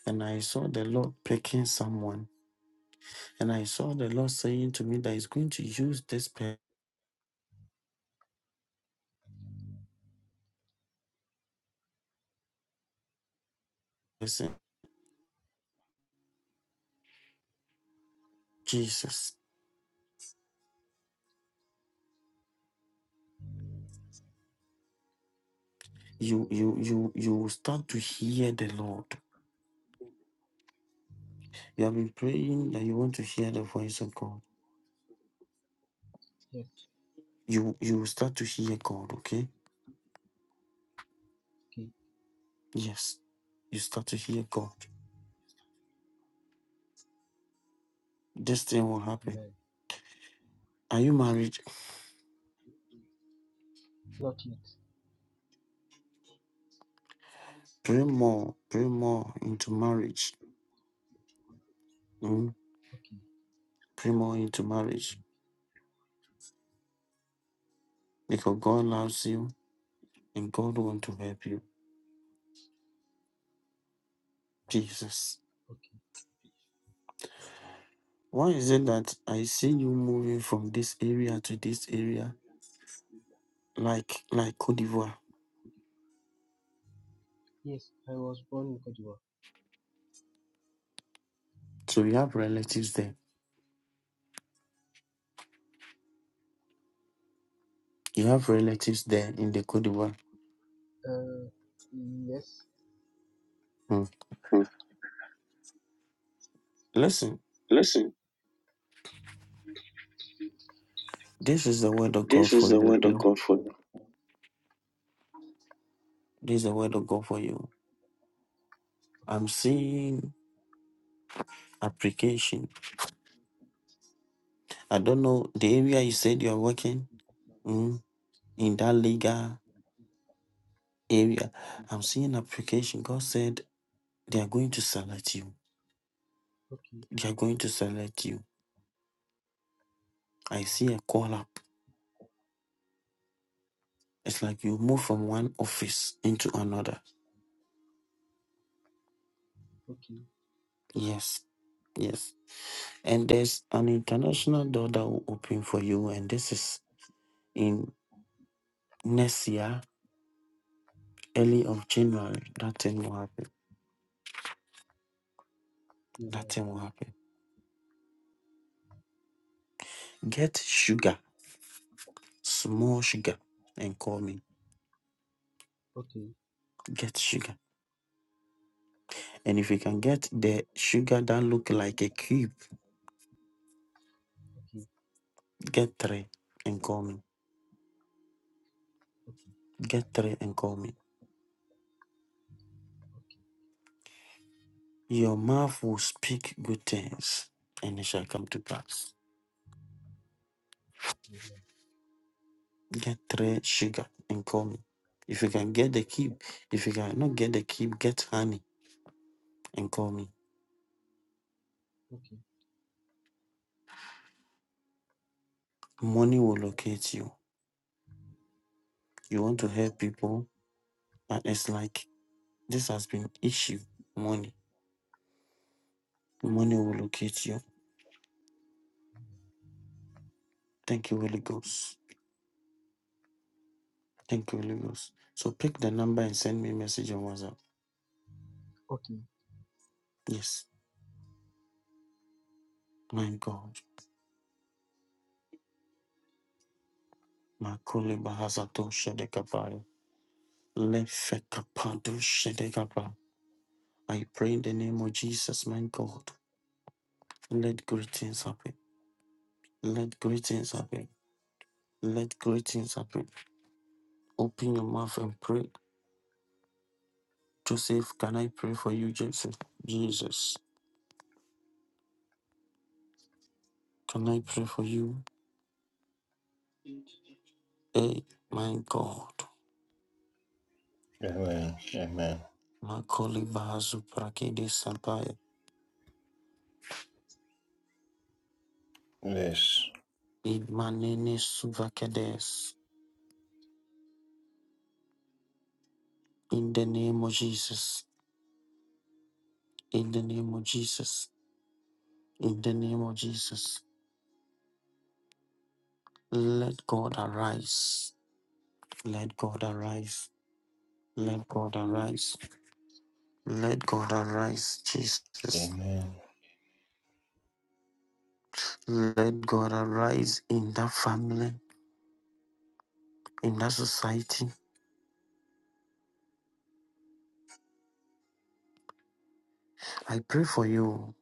S1: and I saw the Lord picking someone And I saw the Lord saying to me that He's going to use this person, Jesus. You you you you will start to hear the Lord. You have been praying that you want to hear the voice of God.
S6: Yes.
S1: You you will start to hear God, okay?
S6: Okay.
S1: Yes. You start to hear God. This thing will happen.
S6: Amen.
S1: Are you married?
S6: Not yet.
S1: Pray more. Pray more into marriage. Mm?
S6: Okay.
S1: Pray more into marriage. Because God loves you and God wants to help you. Jesus.
S6: Okay.
S1: Why is it that I see you moving from this area to this area, like like Cote d'Ivoire?
S6: Yes, I was born in Cote d'Ivoire.
S1: So you have relatives there. You have relatives there in the Cote d'Ivoire.
S6: Uh, yes.
S1: Hmm.
S6: Hmm.
S1: Listen,
S6: Listen,
S1: this is the word of
S6: this
S1: God
S6: is
S1: for
S6: the
S1: you.
S6: word of
S1: okay?
S6: God for you.
S1: This is the word of God for you. I'm seeing application. I don't know the area you said you're working hmm, in that legal area. I'm seeing application. God said they are going to select you.
S6: Okay.
S1: They are going to select you. I see a call up. It's like you move from one office into another.
S6: Okay.
S1: Yes, yes. And there's an international door that will open for you, and this is in next year, early of January. That thing will happen.
S6: Amen.
S1: That thing will happen. Get sugar, small sugar, and call me.
S6: Okay,
S1: Get sugar. And if you can get the sugar that look like a cube,
S6: okay,
S1: get three and call me.
S6: okay,
S1: Get three and call me. Your mouth will speak good things, and it shall come to pass. Get three sugar and call me. If you can get the cube, if you cannot get the cube, get honey and call me.
S6: okay.
S1: Money will locate you. You want to
S6: Amen.
S1: help people, and it's like this has been issue. Money, money will locate you. Thank you, Holy Ghost. Thank you, Holy Ghost. So pick the number and send me message on WhatsApp.
S6: Okay.
S1: Yes, my God, my bahasato shedekapaya. Lefekapado shedekapa. I pray in the name of Jesus, my God. Let great things happen. Let great things happen. Let great things happen. Open your mouth and pray. Joseph, can I pray for you, Joseph? Jesus, can I pray for you? Hey, my God.
S7: Amen. Amen.
S1: Makoli bahazu prakede sampaya
S7: Yes.
S1: In manene suvakades. In the name of Jesus. In the name of Jesus. In the name of Jesus. Let God arise. Let God arise. Let God arise. Let God arise, Jesus.
S7: Amen.
S1: Let God arise in that family, in that society. I pray for you.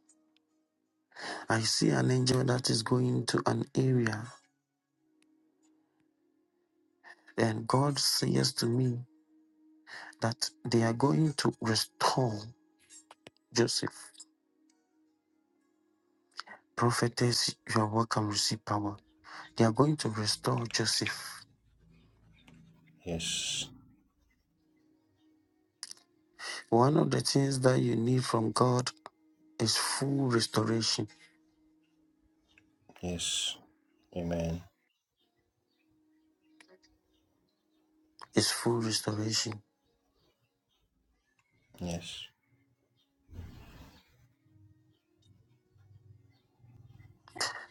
S1: I see an angel that is going to an area, and God says to me that they are going to restore Joseph. Prophetess, you are welcome, receive power. They are going to restore Joseph.
S7: Yes.
S1: One of the things that you need from God is full restoration.
S7: Yes. Amen.
S1: Is full restoration.
S7: Yes.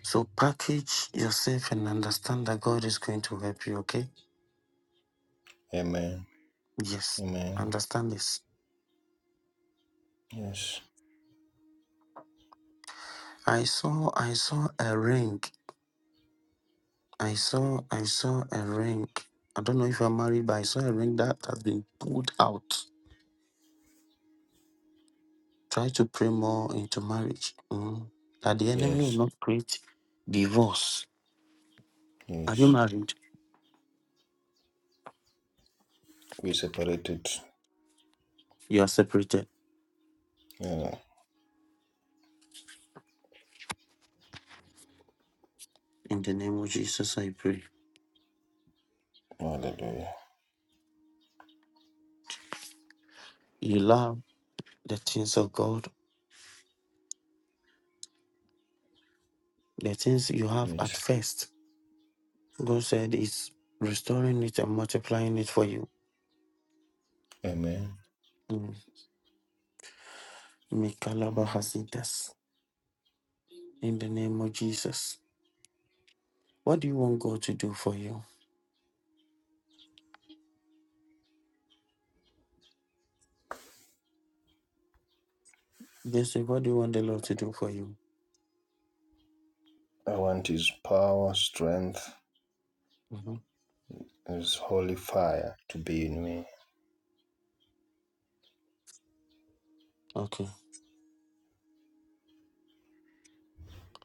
S1: So package yourself and understand that God is going to help you, okay?
S7: Amen.
S1: Yes.
S7: Amen.
S1: Understand this.
S7: Yes.
S1: I saw I saw a ring. I saw I saw a ring. I don't know if you're married, but I saw a ring that has been pulled out. Try to pray more into marriage. mm, That the enemy will
S7: Yes.
S1: not create divorce. Are you
S7: Yes.
S1: married?
S7: We separated.
S1: You are separated.
S7: Yeah.
S1: In the name of Jesus, I pray.
S7: Hallelujah.
S1: You love the things of God, the things you have at
S7: Yes.
S1: first God said He's restoring it and multiplying it for you.
S7: Amen.
S1: Mm. Mikalaba
S7: Mm.
S1: Hasidas. In the name of Jesus. What do you want God to do for you? This is what do you want the Lord to do for you?
S7: I want His power, strength,
S1: Mhm.
S7: His holy fire to be in me.
S1: Okay.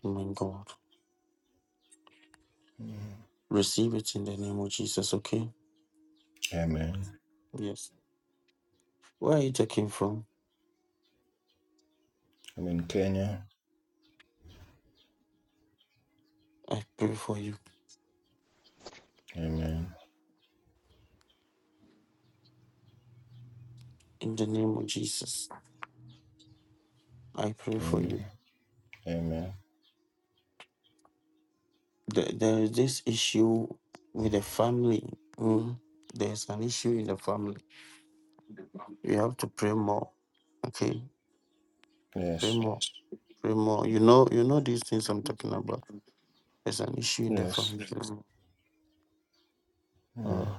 S1: My God.
S7: Mm.
S1: Receive it in the name of Jesus, okay?
S7: Amen.
S1: Yes. Where are you taking from?
S7: I'm in Kenya.
S1: I pray for you.
S7: Amen.
S1: In the name of Jesus. I pray for you.
S7: Amen. Amen.
S1: There, there is this issue with the family. Mm. There's an issue in the family. You have to pray more. Okay. Pray
S7: Yes.
S1: more. Pray more. You know, you know these things I'm talking about. There's an issue in the
S7: Yes.
S1: family.
S7: Mm.
S1: Oh,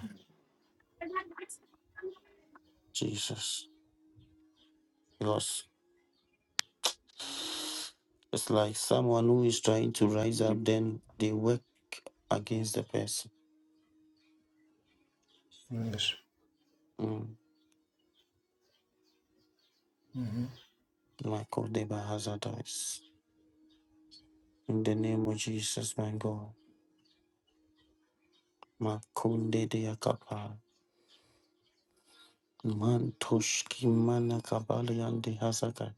S1: Jesus. Because it's like someone who is trying to rise up, then they work against the person.
S7: Yes.
S1: Mm.
S7: hmm
S1: Michael de Bahazadais. In the name of Jesus, my God. Makunde de Akapa. Mantoshki Manakabalian de Hazaka.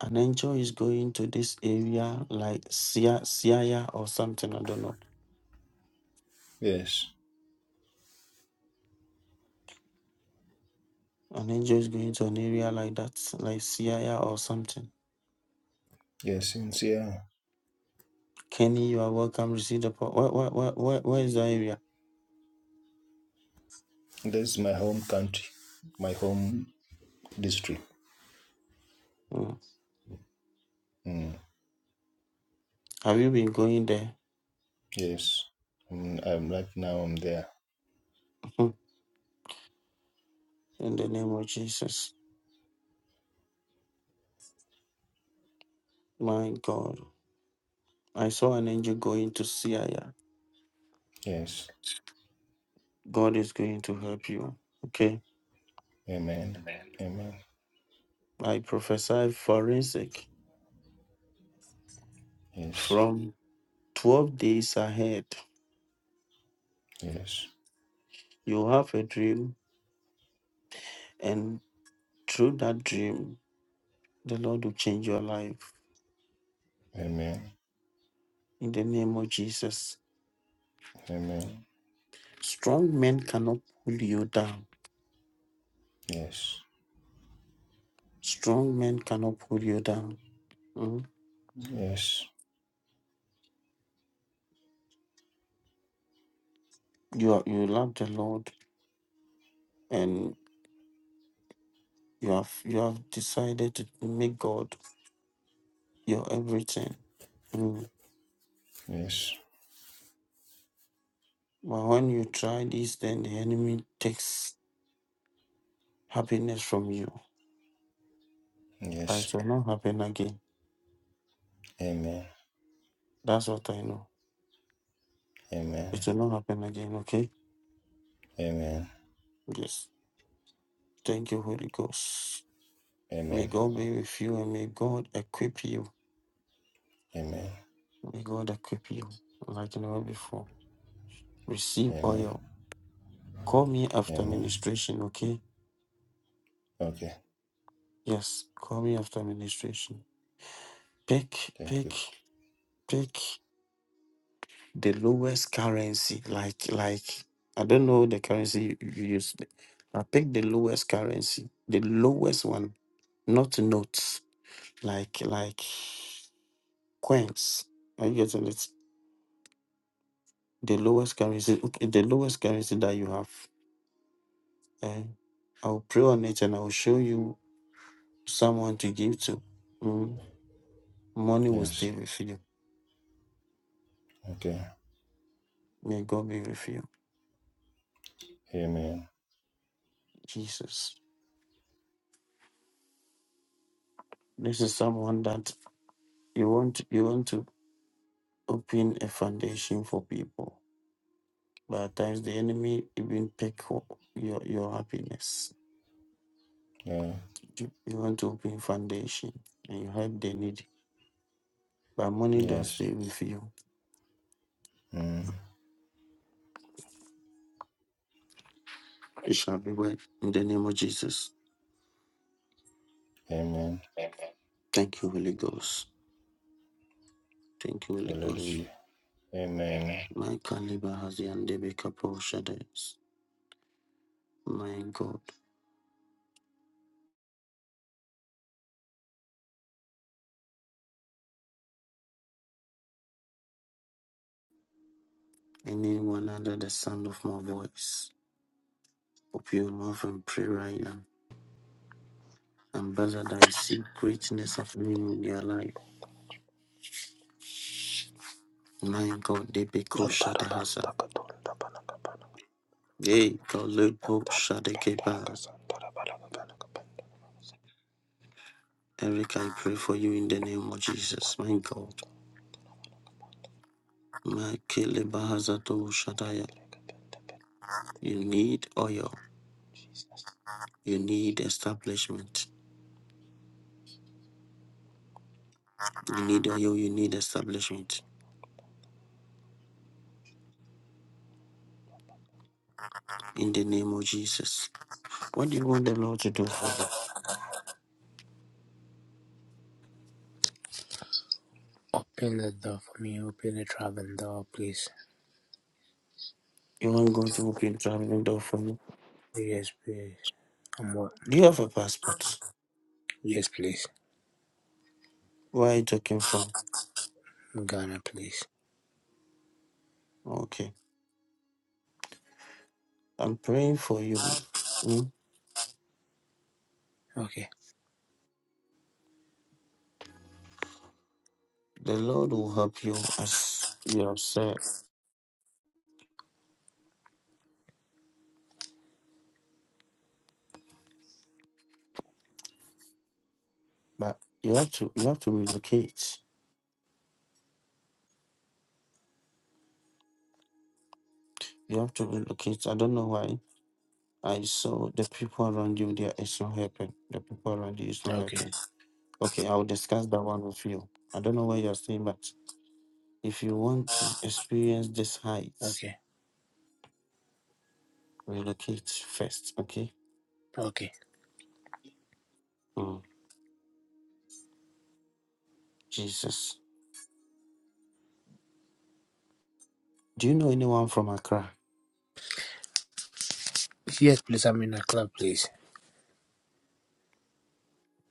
S1: An angel is going to this area like Sia, Siaya or something, I don't know.
S7: Yes.
S1: An angel is going to an area like that, like Sierra or something.
S7: Yeah, since yeah,
S1: Kenny, you are welcome. Receive the po- where, where, where, where, where is that area?
S7: this is my home country, my home district.
S1: Mm.
S7: Mm,
S1: Have you been going there?
S7: yes, Mm, I'm right now. I'm there.
S1: Mhm. In the name of Jesus. My God. I saw an angel going to Sierra.
S7: Yes,
S1: God is going to help you. Okay.
S7: amen, amen.
S1: I prophesy forensic
S7: Yes,
S1: from 12 days ahead.
S7: yes,
S1: You have a dream, and through that dream, the Lord will change your life.
S7: amen,
S1: In the name of Jesus.
S7: amen.
S1: Strong men cannot pull you down.
S7: Yes,
S1: Strong men cannot pull you down. Mm.
S7: yes,
S1: You are, you love the Lord and you have you have decided to make God your everything. Mm.
S7: yes,
S1: But when you try this, then the enemy takes happiness from you. And
S7: yes.
S1: It will not happen again.
S7: Amen,
S1: That's what I know.
S7: amen,
S1: It will not happen again, okay?
S7: amen,
S1: Yes. Thank you, Holy Ghost. May
S7: amen,
S1: God be with you and may God equip you.
S7: amen,
S1: May God equip you like never before. Receive
S7: amen, amen,
S1: oil. Call me after
S7: amen.
S1: ministration, okay?
S7: Okay,
S1: Yes, call me after ministration. Pick,
S7: thank you.
S1: pick, pick the lowest currency. Like, like I don't know the currency you use. I pick the lowest currency, the lowest one, not notes. Like, like coins. Are you getting it? The lowest currency, okay, the lowest currency that you have. And I'll pray on it and I'll show you someone to give to. Mm. Money will
S7: Yes.
S1: stay with you.
S7: Okay.
S1: May God be with you.
S7: Amen.
S1: Jesus. This is someone that you want you want to open a foundation for people. But at times the enemy even take ho- your your happiness.
S7: Yeah.
S1: You you want to open foundation and you help the needy. But money don't
S7: Yes.
S1: stay with you.
S7: Mm.
S1: It shall be well. In the name of Jesus.
S7: Amen.
S1: Thank you, Holy Ghost. Thank you, Holy Ghost.
S7: Hallelujah. Amen.
S1: My caliber has the undebatable shadows. My God. Anyone under the sound of my voice, hope you love and pray right now. And brother, that I see greatness happening in your life. My God, they be called
S8: Darabas,
S1: Shatahasa.
S8: Takatun, Daban,
S1: Hey, God, Lepo Shadekepa.
S8: Darakasan, Darabalagaban,
S1: Eric, I pray for you in the name of Jesus. My God. My Kelebahazato Shataya. You need oil. You need establishment. You need oil. You need establishment. In the name of Jesus. What do you want the Lord to do for you?
S9: Open the door for me. Open the traveling door, please.
S1: You want God to open traveling door for you?
S9: Yes, please. I'm what?
S1: Do you have a passport?
S9: Yes, please.
S1: Where are you talking from?
S9: I'm Ghana, please.
S1: Okay. I'm praying for you. Mm.
S9: Okay,
S1: The Lord will help you as you have said. But you have to you have to relocate. You have to relocate. I don't know why. I saw the people around you there it's not helping. The people around you is not
S9: okay,
S1: helping. Okay, I will discuss that one with you. I don't know where you're staying, but if you want to experience this heights,
S9: okay,
S1: relocate first, okay?
S9: okay.
S1: Mm. Jesus. Do you know anyone from Accra?
S9: Yes, please. I'm in a club, please.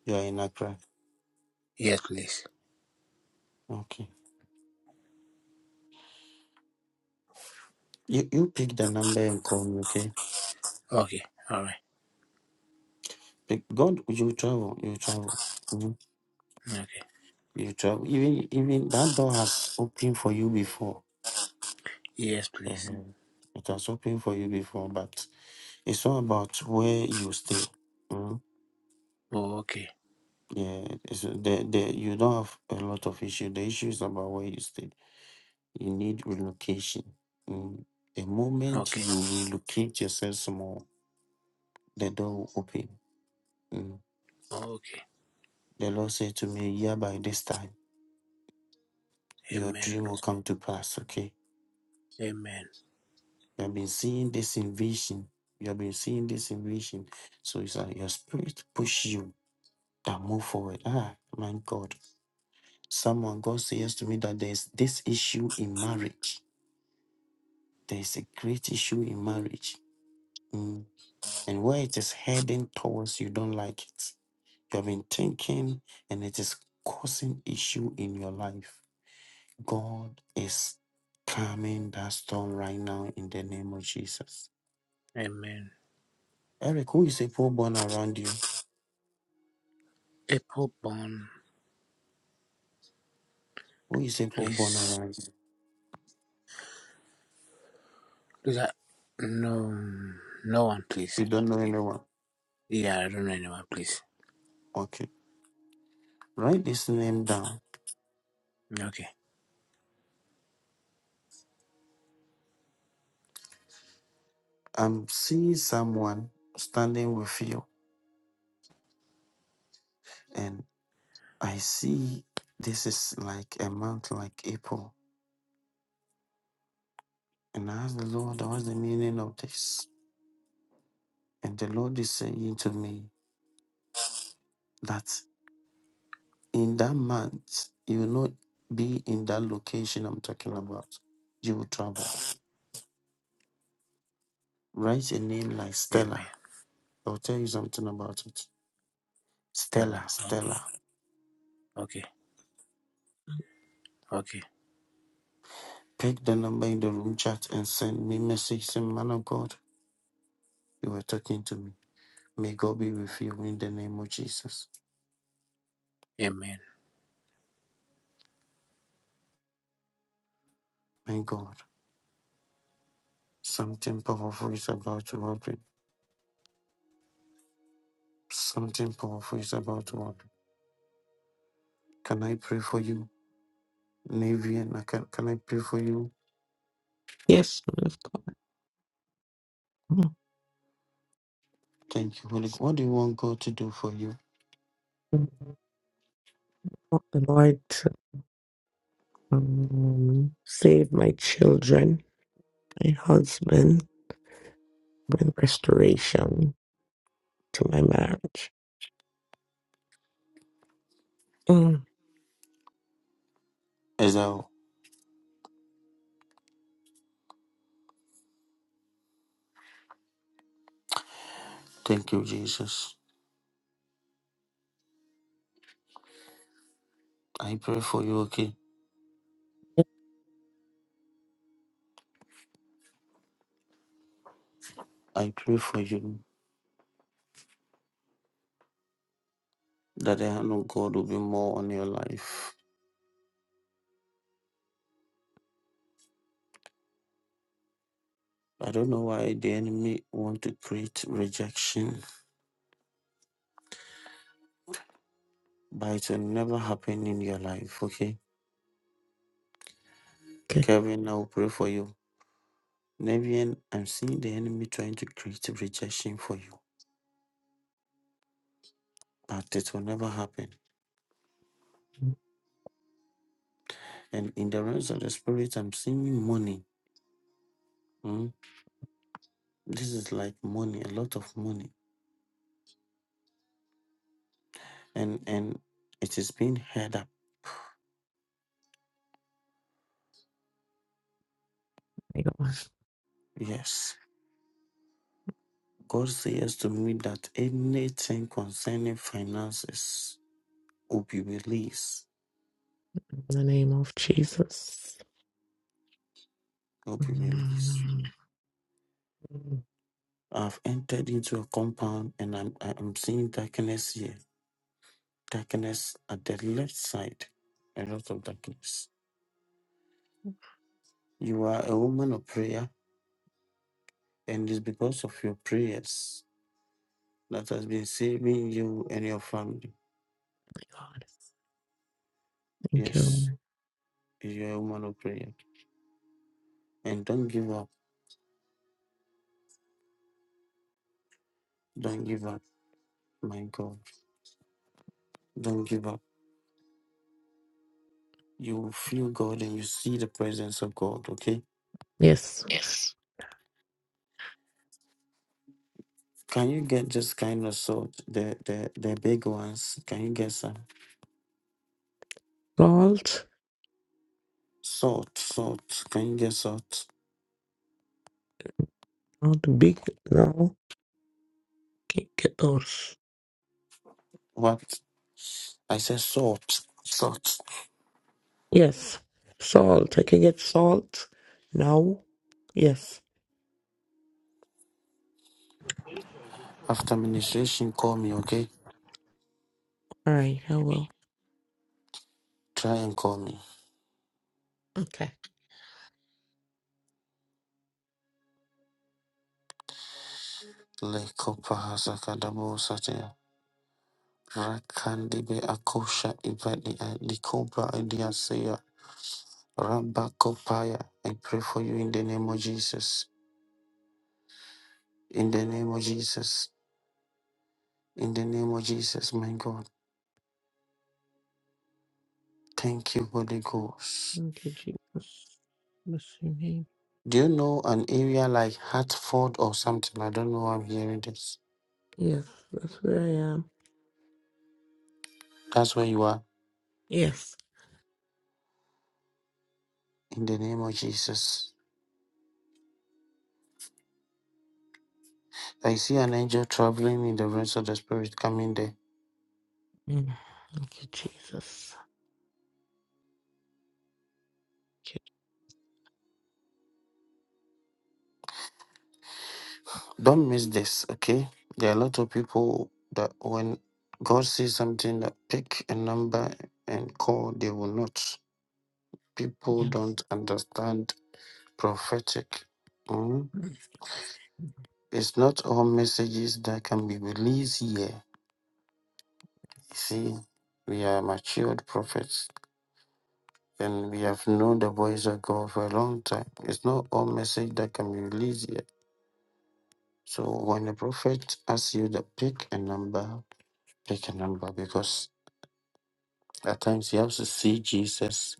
S1: You are in Accra.
S9: Yes, please.
S1: Okay. You you pick the number and call me, okay?
S9: Okay, all right.
S1: Pick God you travel, you travel. Mhm.
S9: Okay.
S1: You travel. Even even that door has opened for you before.
S9: Yes, please.
S1: Mhm. It has opened for you before, but it's all about where you stay. Mhm.
S9: Oh, okay,
S1: Yeah, it's, the, the, you don't have a lot of issue. The issue is about where you stay. You need relocation. Mm. The moment
S9: okay,
S1: you relocate yourself small, the door will open. Mm.
S9: oh, okay.
S1: The Lord said to me, yeah, by this time. your
S9: Amen,
S1: dream will come to pass. Okay.
S9: amen,
S1: You have been seeing this invasion. You have been seeing this invasion. So it's like your spirit push you that move forward. Ah, my God. Someone, God says to me that there's this issue in marriage. There's a great issue in marriage. Mm. And where it is heading towards, you don't like it. You have been thinking and it is causing issue in your life. God is calming that storm right now in the name of Jesus.
S9: amen.
S1: Eric, who is a poor born around you?
S9: Apple bun,
S1: Who is a poor born
S9: please.
S1: around you?
S9: Please, I, no, no one, please.
S1: You don't know anyone.
S9: Yeah, I don't know anyone, please.
S1: Okay. Write this name down.
S9: Okay,
S1: I'm seeing someone standing with you, and I see this is like a month like April. And I ask the Lord, what's the meaning of this? And the Lord is saying to me that in that month, you will not be in that location I'm talking about. You will travel. Write a name like Stella.
S9: amen.
S1: I'll tell you something about it
S9: Tell her.
S1: Stella,
S9: Okay,
S1: Stella,
S9: okay, okay.
S1: pick the number in the room chat and send me message. Say, man of God, you were talking to me. May God be with you in the name of Jesus.
S9: Amen.
S1: My God, something powerful is about to happen. Something powerful is about to happen. Can I pray for you, Navian? I Can, can I pray for you?
S10: Yes, Lord of God.
S1: Thank you, Holy Ghost. What do you want God to do for you?
S10: Oh, The Lord um, save my children, my husband, bring restoration to my marriage. Mm,
S1: Is that all? Thank you, Jesus. I pray for you, okay? I pray for you that the hand of God will be more on your life I don't know why the enemy want to create rejection, but it will never happen in your life. Okay,
S10: Okay.
S1: Kevin, I will pray for you. Nevian, I'm seeing the enemy trying to create rejection for you, but it will never happen.
S10: My
S1: And in the realms of the spirit, I'm seeing money. Hmm, This is like money, a lot of money, and and it is being held up.
S10: God.
S1: Yes, God says to me that anything concerning finances will be released.
S10: In the name of Jesus.
S1: Will be released
S10: Mm, My
S1: I've entered into a compound and I'm I'm seeing darkness here. Darkness at the left side. A lot of darkness. You are a woman of prayer, and it's because of your prayers that has been saving you and your family.
S10: God. Thank you,
S1: Yes,
S10: Lord.
S1: you're a woman of prayer. And don't give up. Don't give up, my God. Don't give up. You feel God and you see the presence of God, okay?
S10: Yes.
S1: Yes. Can you get this kind of salt? The the the big ones. Can you get some?
S10: Salt.
S1: Salt, salt. Can you get salt?
S10: Not big now. Can get those.
S1: What? I said salt, salt.
S10: Yes. Salt. I can get salt now. Yes.
S1: After ministration, call me, okay?
S10: All right. I will.
S1: Try and call me.
S10: Okay.
S1: Lekopa hasakadabo satea. Rakandibe akosha ibadi likobra idiaseya. Ramba kopaya. I pray for you in the name of Jesus. In the name of Jesus. In the name of Jesus, my God. Thank you, Holy Ghost.
S10: Thank you, Jesus. Bless your name.
S1: Do you know an area like Hartford or something? I don't know. why I'm hearing this.
S10: Yes, that's where I am.
S1: That's where you are
S10: Yes.
S1: in the name of Jesus. I see an angel traveling in the realms of the spirit coming there.
S10: Mm. Thank you, Jesus. Thank
S1: Don't miss this, okay? There are a lot of people that when God sees something that pick a number and call, they will not.
S10: you.
S1: People
S10: Yes.
S1: don't understand prophetic. mm. It's not all messages that can be released here. You
S10: Yes.
S1: see, we are matured prophets and we have known the voice of God for a long time. It's not all message that can be released here So when a prophet asks you to pick a number, pick a number because at times you have to see Jesus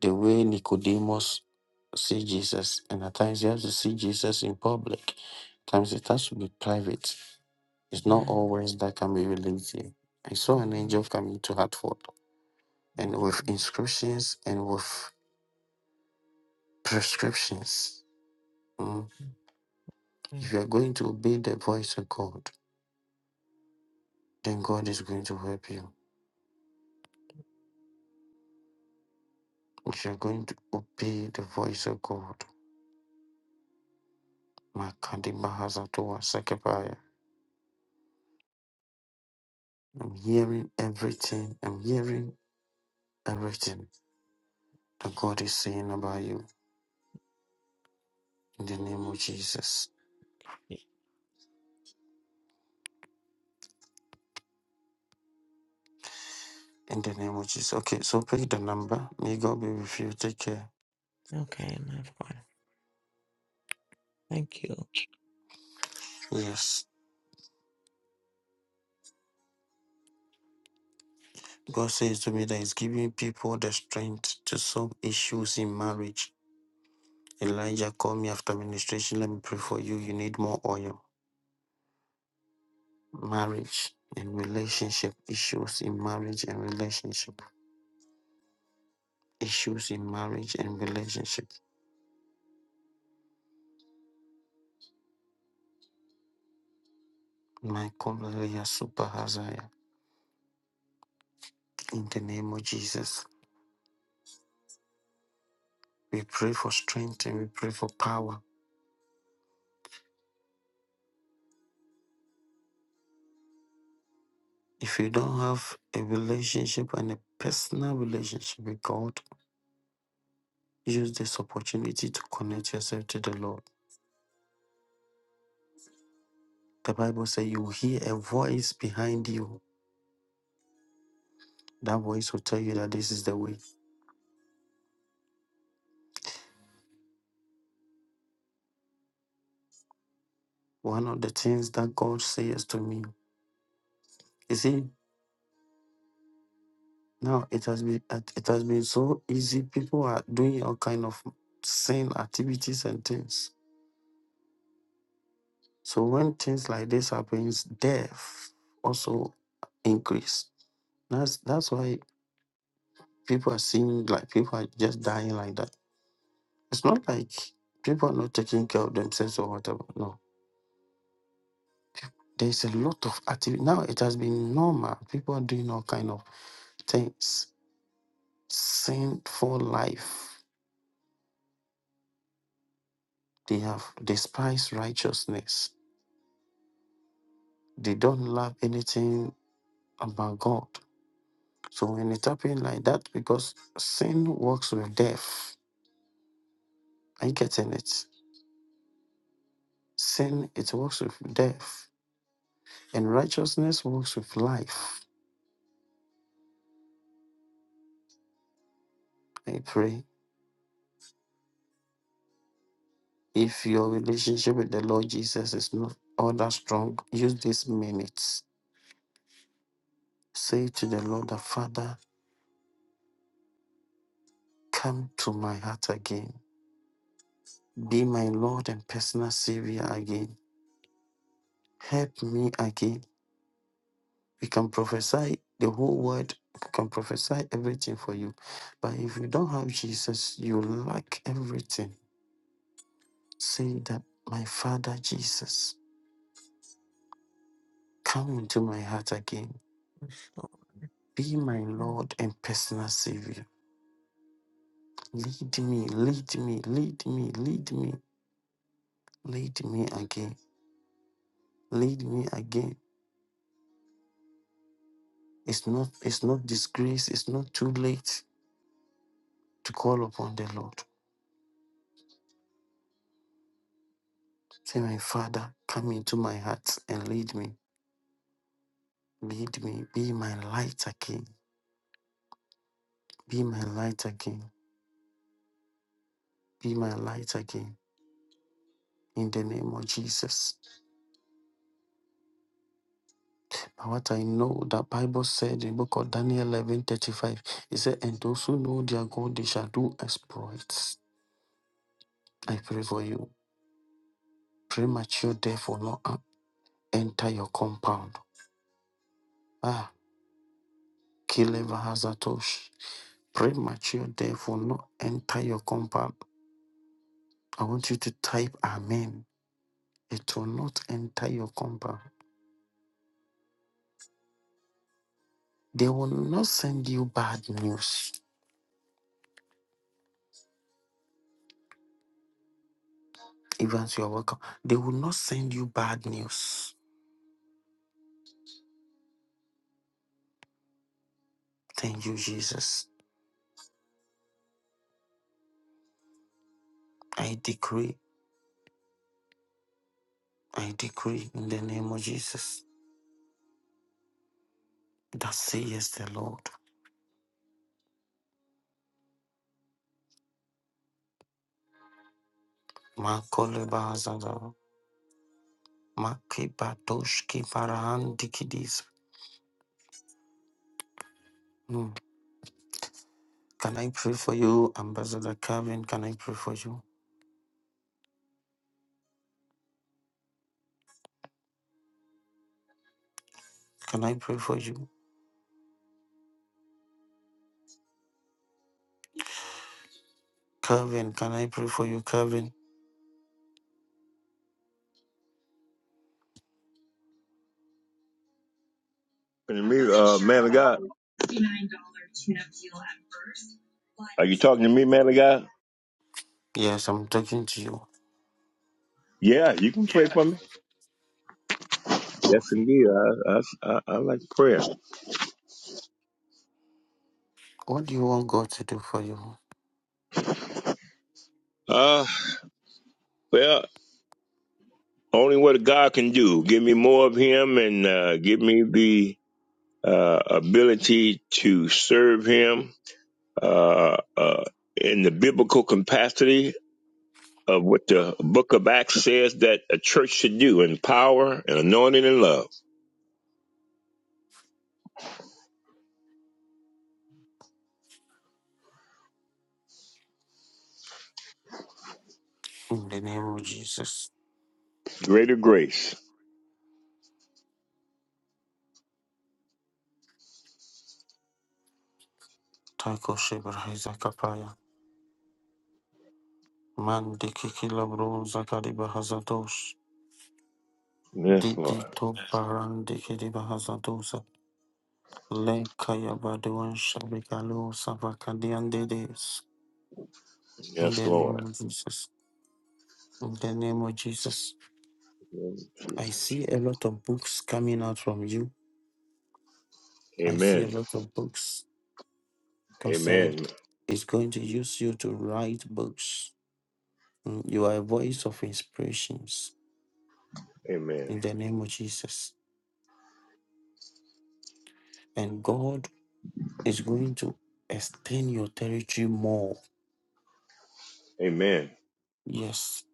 S1: the way Nicodemus see Jesus, and at times you have to see Jesus in public. At times it has to be private. It's not
S10: Amen.
S1: always that can be revealed here. I saw an
S10: Amen.
S1: angel coming to Hartford and with
S10: Amen.
S1: inscriptions and with prescriptions. Mm.
S10: Amen.
S1: If you are going to obey the voice of God, then God is going to help you. If you're going to obey the voice of God, Makadima Hazatoa Sekepaya. I'm hearing everything. I'm hearing everything that God is saying about you in the name of Jesus. In the name of Jesus. Okay, so pick the number. May God be with you. Take care.
S10: Okay, my God. Thank you.
S1: Yes. God says to me that He's giving people the strength to solve issues in marriage. Elijah, call me after ministration. Let me pray for you. You need more oil. marriage and relationship issues in marriage and relationship issues in marriage and relationship my Hallelujah, super hazaya in the name of jesus we pray for strength and we pray for power if you don't have a relationship and a personal relationship with god use this opportunity to connect yourself to the lord the bible says you will hear a voice behind you that voice will tell you that this is the way one of the things that god says to me is Now it has been it it has been so easy. People are doing all kind of same activities and things. So when things like this happens, death also increase. That's that's why people are seeing like people are just dying like that. It's not like people are not taking care of themselves or whatever. No, there's a lot of activity now. It has been normal. People are doing all kind of things. Sinful life. They have despised righteousness They don't love anything about God. So when it happened like that, because sin works with death. Are you getting it? Sin, it works with death. And righteousness works with life. I pray. If your relationship with the Lord Jesus is not all that strong, use these minutes. Say to the Lord, the Father, come to my heart again. Be my Lord and personal Savior again. Help me again. We can prophesy the whole word, we can prophesy everything for you. But if you don't have Jesus, you lack everything. Say that, my Father Jesus, come into my heart again.
S10: Yes,
S1: Be my
S10: Lord.
S1: Lord and personal Savior. Lead me, lead me, lead me, lead me, lead me again. Lead me again. It's not it's not disgrace, it's not too late to call upon the Lord. Say, my Father, come into my heart and lead me. Lead me, be my light again, be my light again, be my light again. In the name of Jesus. But what I know the Bible said in book of Daniel eleven thirty five, it said, And those who know their God, they shall do exploits. I pray for you. Premature death will not uh, enter your compound. Ah, Kileva Hazatosh. Premature death will not enter your compound. I want you to type Amen. It will not enter your compound. They will not send you bad news. Evans, you are welcome. They will not send you bad news. Thank you, Jesus. I decree, I decree in the name of Jesus that say yes, the Lord. Makolebazada, makibadoshki parahandikidis. Hmm. Can I pray for you, Ambassador Calvin? Can I pray for you? Can I pray for you? Calvin, can I pray for you, Calvin?
S11: talking to me, uh, man of God? Are you talking to me, man of God?
S1: Yes, I'm talking to you.
S11: Yeah, you can pray for me. Yes,
S1: Okay.
S11: indeed. I, I, I, I like prayer.
S1: What do you want God to do for you?
S11: Uh, well, only what God can do. Give me more of Him and uh, give me the uh, ability to serve Him uh, uh, in the biblical capacity of what the book of Acts says that a church should do in power and anointing and love.
S1: In the name of Jesus,
S11: Greater grace.
S1: Taiko Sheber Hezakapaya, Mandiki Kilabro Zakariba Hazadosh,
S11: Yes,
S1: Didi
S11: Lord.
S1: To Barandiki Diba Hazadosa, Lekaya Baduan Shabikalo Savakadian Dedes. In
S11: Yes,
S1: the name
S11: Lord.
S1: of Jesus, in the name of Jesus, I see a lot of books coming out from you. I see a
S11: Amen.
S1: lot of books. God said,
S11: Amen.
S1: is going to use you to write books. Mm, You are a voice of inspirations
S11: Amen.
S1: in the name of Jesus. and God is going to extend your territory more.
S11: Amen.
S1: Yes,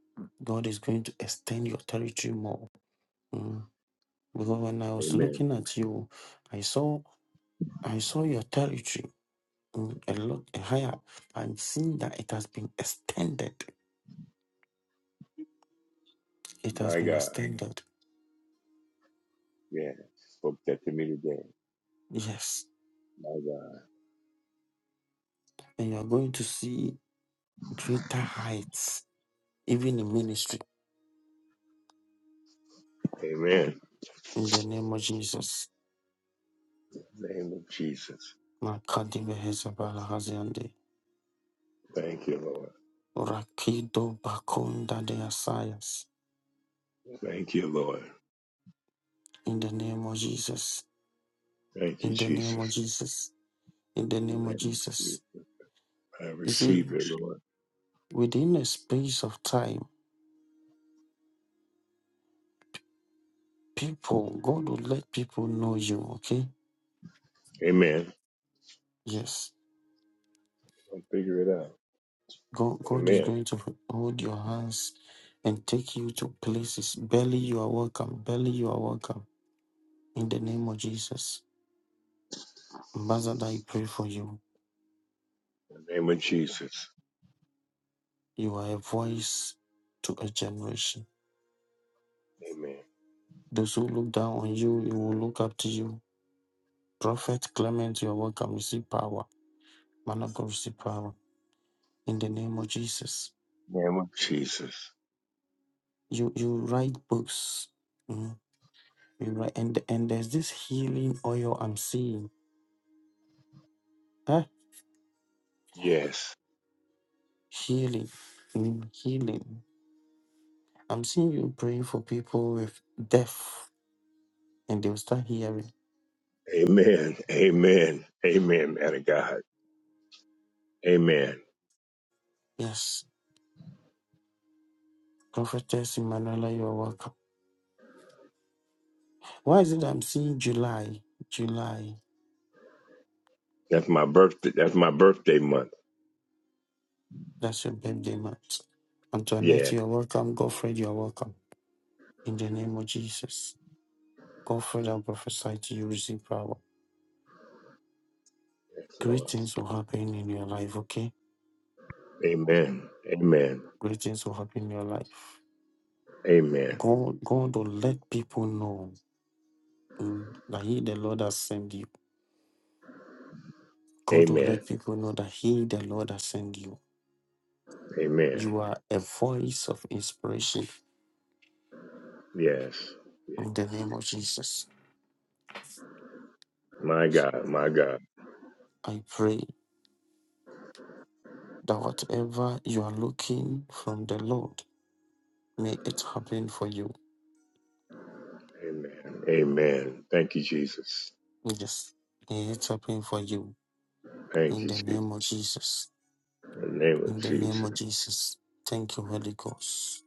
S1: God is going to extend your territory more. Mm. Because when I was
S11: Amen.
S1: looking at you, I saw I saw your territory mm, a lot higher. I'm seeing that it has been extended. It has
S11: My
S1: been
S11: God.
S1: extended.
S11: Yeah. Spoke that to me today.
S1: Yes,
S11: My God.
S1: and you are going to see greater heights, even in ministry.
S11: Amen.
S1: In the name of Jesus,
S11: In the Name of Jesus.
S1: Makadibe Hezabala Haziande.
S11: Thank you, Lord.
S1: Rakido Bakunda de Asayas.
S11: Thank you, Lord.
S1: In the name of Jesus.
S11: Thank you,
S1: In the name of
S11: Jesus.
S1: Jesus. In the
S11: In
S1: name
S11: the name
S1: of
S11: of Jesus.
S1: Jesus.
S11: I
S1: You see,
S11: receive it, Lord.
S1: within a space of time, people, God will let people know you, okay?
S11: Amen.
S1: Yes.
S11: I'll figure it out.
S1: God, God is
S11: Amen.
S1: going to hold your hands and take you to places. Barely you are welcome. Barely you are welcome. In the name of Jesus. Ambassador, I pray for you.
S11: In the name of Jesus.
S1: You are a voice to a generation.
S11: Amen.
S1: Those who look down on you, you will look up to you. Prophet Clement, you are welcome. Receive power. Man of God, receive power. In the name of Jesus.
S11: In the name of Jesus.
S1: You you write books. Mhm. You write and and there's this healing oil I'm seeing. Huh?
S11: Yes.
S1: Healing. Mm, Healing. I'm seeing you praying for people with deaf and they'll start hearing.
S11: Amen. Amen. Amen, man of God. Amen.
S1: Yes. Prophetess Emanuela, you are welcome. Why is it I'm seeing July? July.
S11: That's my birthday. That's my birthday month.
S1: That's your birthday Matt. Antoinette,
S11: Yeah.
S1: you're welcome. Godfred, you're welcome. In the name of Jesus. Godfred, I prophesy to you, receive power.
S11: Yes,
S1: Great
S11: Lord.
S1: things will happen in your life, okay?
S11: Amen. Amen.
S1: Great things will happen in your life.
S11: Amen.
S1: God, God will let people know mm, that He, the Lord, has sent you. God will
S11: Amen.
S1: let people know that He, the Lord, has sent you.
S11: Amen.
S1: You are a voice of inspiration
S11: Yes. Yes.
S1: in the name of Jesus.
S11: My God. My God.
S1: I pray that whatever you are looking from the Lord, may it happen for you
S11: Amen. Amen. Thank you, Jesus.
S1: We just lift up him for you
S11: Thank
S1: in
S11: you,
S1: the
S11: Jesus.
S1: name
S11: In
S1: of Jesus.
S11: the name
S1: In
S11: of
S1: the name
S11: Jesus.
S1: of Jesus. Thank you, Holy Ghost.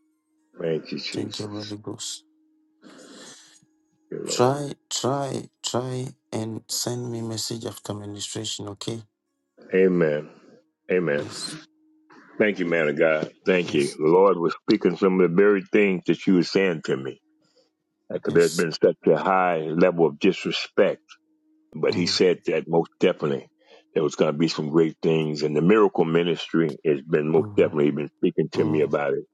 S11: Thank you,
S1: Thank you,
S11: Jesus.
S1: Holy Ghost.
S11: Thank you, Lord.
S1: Try, try, try and send me message after ministration, okay?
S11: Amen. Amen.
S1: Yes,
S11: Thank you, man of God. Thank you.
S1: yes,
S11: The Lord was speaking some of the very things that you were saying to me. Because there's
S1: yes.
S11: been such a high level of disrespect but he
S1: Mm,
S11: said that most definitely there was going to be some great things and the miracle ministry has been most
S1: mm, mm.
S11: definitely been speaking to me
S1: mm.
S11: about it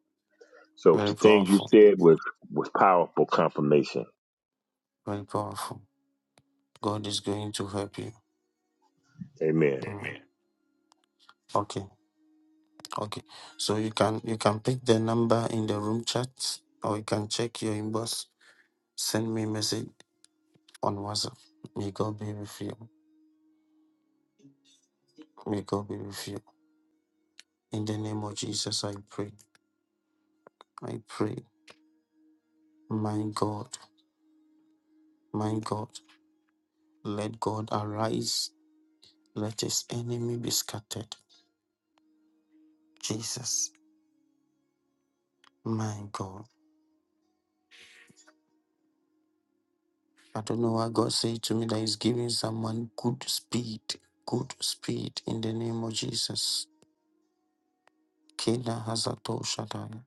S11: so the
S1: Very
S11: things you
S1: powerful.
S11: said was was powerful confirmation
S1: Very powerful. God is going to help you.
S11: amen
S1: Amen. Okay, okay. So you can you can pick the number in the room chat or you can check your inbox. Send me message on WhatsApp. May God be with you. May God be with you. In the name of Jesus, I pray. I pray. My God, my God, let God arise. Let his enemy be scattered. Jesus, my God. I don't know why God said to me that he's giving someone good speed. Good speed in the name of Jesus. Keda Hazato Shaddai.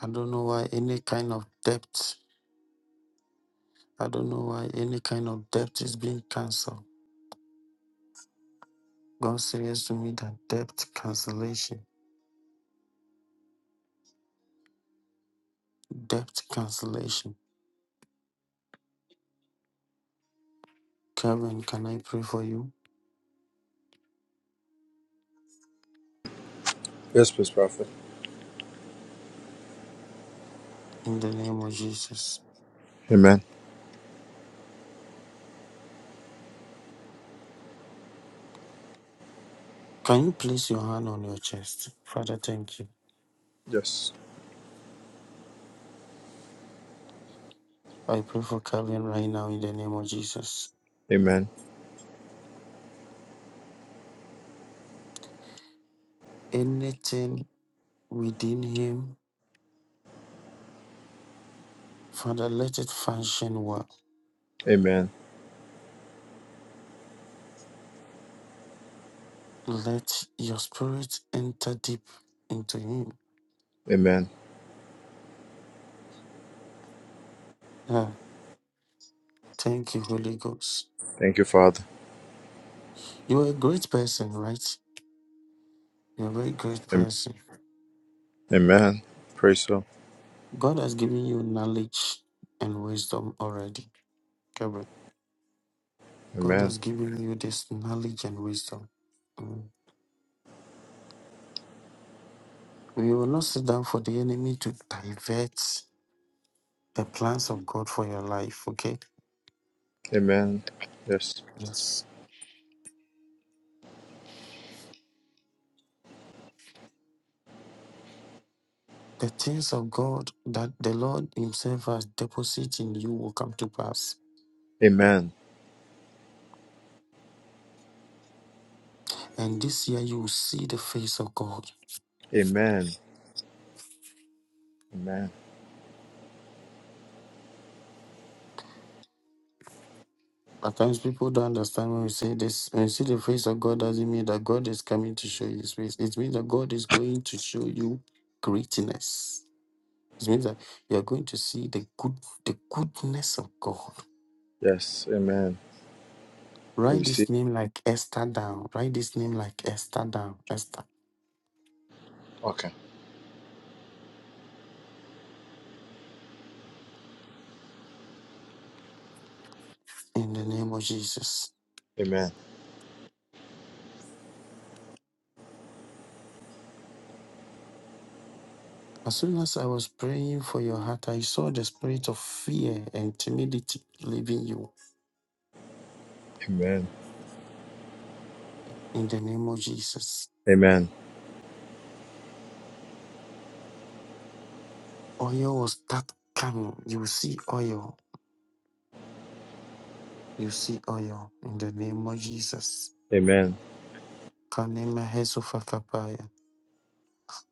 S1: I don't know why any kind of debt. I don't know why any kind of debt is being cancelled. God says to me that debt cancellation, debt cancellation. Karen, can I pray for you
S12: Yes, please, Prophet.
S1: in the name of Jesus?
S12: Amen.
S1: Can you place your hand on your chest? Father, thank you.
S12: Yes.
S1: I pray for Karen right now in the name of Jesus.
S12: Amen.
S1: Anything within him, Father, let it function well.
S12: Amen.
S1: Let your spirit enter deep into him.
S12: Amen.
S1: Ah, thank you, Holy Ghost.
S12: Thank you, Father.
S1: You are a great person, right? You're a very great
S12: Am-
S1: person.
S12: Amen. Praise Him.
S1: God has given you knowledge and wisdom already, Gabriel. God
S12: Amen.
S1: has given you this knowledge and wisdom. Mm. We will not sit down for the enemy to divert the plans of God for your life, okay?
S12: Amen. Yes.
S1: Yes. The things of God that the Lord Himself has deposited in you will come to pass.
S12: Amen.
S1: And this year you will see the face of God.
S12: Amen. Amen.
S1: At times, people don't understand when we say this. When you see the face of God, doesn't mean that God is coming to show you His face. It means that God is going to show you greatness. It means that you are going to see the good, the goodness of God.
S12: Yes. Amen. I
S1: Write this
S12: receive.
S1: name like Esther down. Write this name like Esther down. Esther,
S12: Okay.
S1: in the name of Jesus.
S12: Amen.
S1: As soon as I was praying for your heart, I saw the spirit of fear and timidity leaving you.
S12: Amen.
S1: In the name of Jesus,
S12: Amen.
S1: oil will start coming. You will see oil You see oil in the name of Jesus.
S12: Amen.
S1: Kanema Hesufa Kapaya.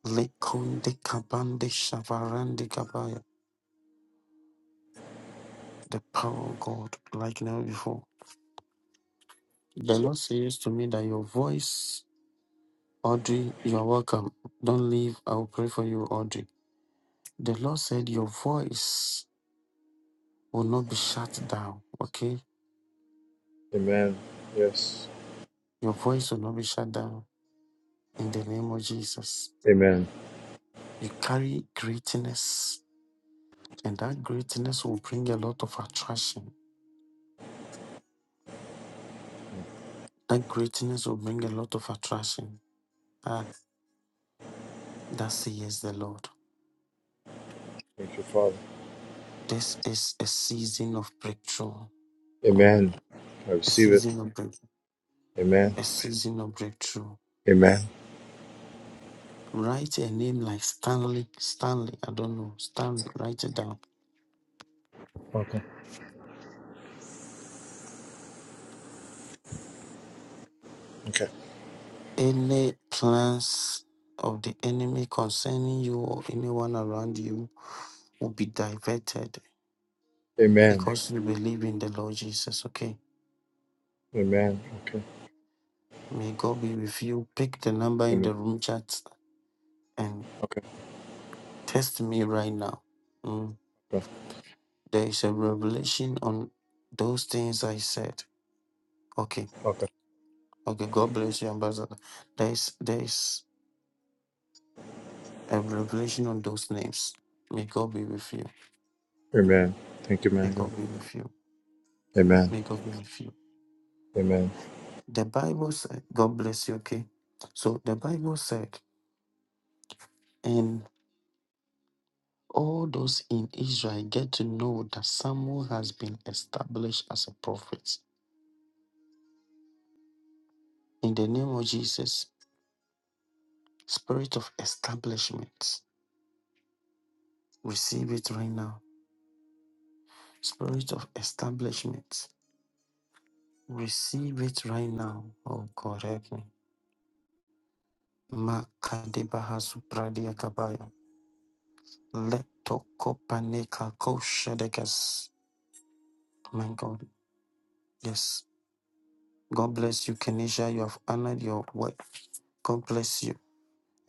S1: Lekunde Kabande Shavarande Kabaya. The power of God, like never before. The
S12: So,
S1: Lord says to me that your voice, Audrey, you are welcome. Don't leave. I will pray for you, Audrey. The Lord said your voice will not be shut down. Okay?
S12: amen. Yes.
S1: Your voice will not be shut down in the name of Jesus.
S12: Amen.
S1: You carry greatness, and that greatness will bring a lot of attraction That greatness will bring a lot of attraction. Ah, that says the Lord.
S12: Thank you, Father.
S1: This is a season of breakthrough. Mm,
S12: Amen. I
S1: A
S12: receive it.
S1: season of break.
S12: Amen.
S1: A season of breakthrough.
S12: Amen.
S1: Write a name like Stanley. Stanley. I don't know. Stanley. Write it down.
S12: Okay. Okay.
S1: Any plans of the enemy concerning you or anyone around you will be diverted
S12: Amen.
S1: because you believe in the Lord Jesus. Okay.
S12: Amen. Okay.
S1: May God be with you. Pick the number in
S12: Amen.
S1: the room chat and.
S12: Okay.
S1: Test me right now. Mm. There is a revelation on those things I said. Okay.
S12: Okay.
S1: Okay. God bless you, Ambassador. There is there is a revelation on those names. May God be with you.
S12: Amen. Thank you,
S1: May
S12: man.
S1: God be with you.
S12: Amen.
S1: May God be with you.
S12: Amen.
S1: The Bible said, God bless you, okay? So the Bible said, and all those in Israel get to know that Samuel has been established as a prophet. In the name of Jesus, spirit of establishment. Receive it right now. Spirit of establishment. Receive it right now. Oh God, help me. Makadebahasu pradiakabaya. Letokopaneka koshadekas. My God, yes. God bless you, Kenisha. You have honored your word. God bless you.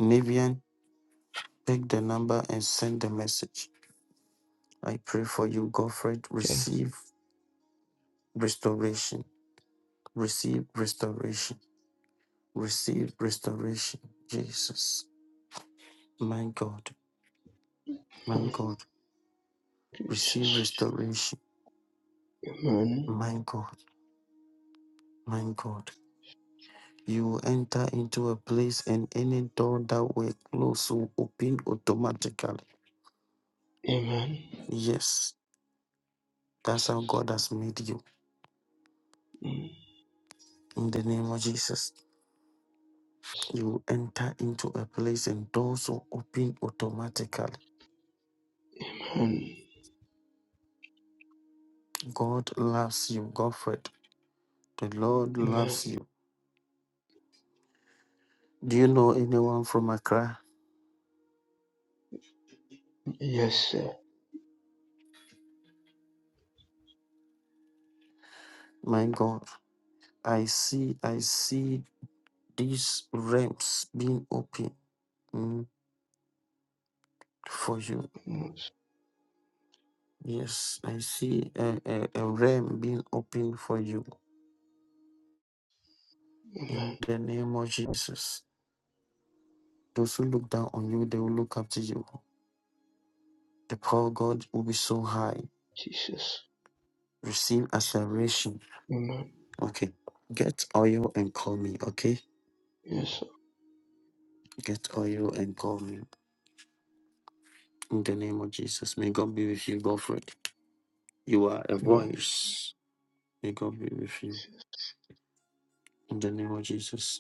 S1: Nivian, take the number and send the message. I pray for you, Godfred. Receive restoration. Receive restoration. Receive restoration. Jesus. My God, my
S13: Amen.
S1: God, receive restoration.
S13: Amen.
S1: My God, my God, you will enter into a place and any door that were closed will open automatically.
S13: Amen.
S1: Yes, that's how God has made you.
S13: Amen.
S1: In the name of Jesus, you will enter into a place and doors will open automatically. God loves you, Godfred. The Lord loves you. Do you know anyone from Accra?
S13: Yes, sir.
S1: My God, I see, I see these realms being open mm, for you.
S13: A
S1: Yes, I see a, a, a realm being open for you in the name of Jesus. Those who look down on you, they will look up to you. The power of God will be so high.
S13: Jesus.
S1: Receive acceleration.
S13: Amen.
S1: Okay. Get oil and call me. Okay.
S13: Yes, sir.
S1: Get oil and call me. In the name of Jesus. May God be with you, Godfrey. You are a
S13: A
S1: voice. May God be with you. In the name of Jesus.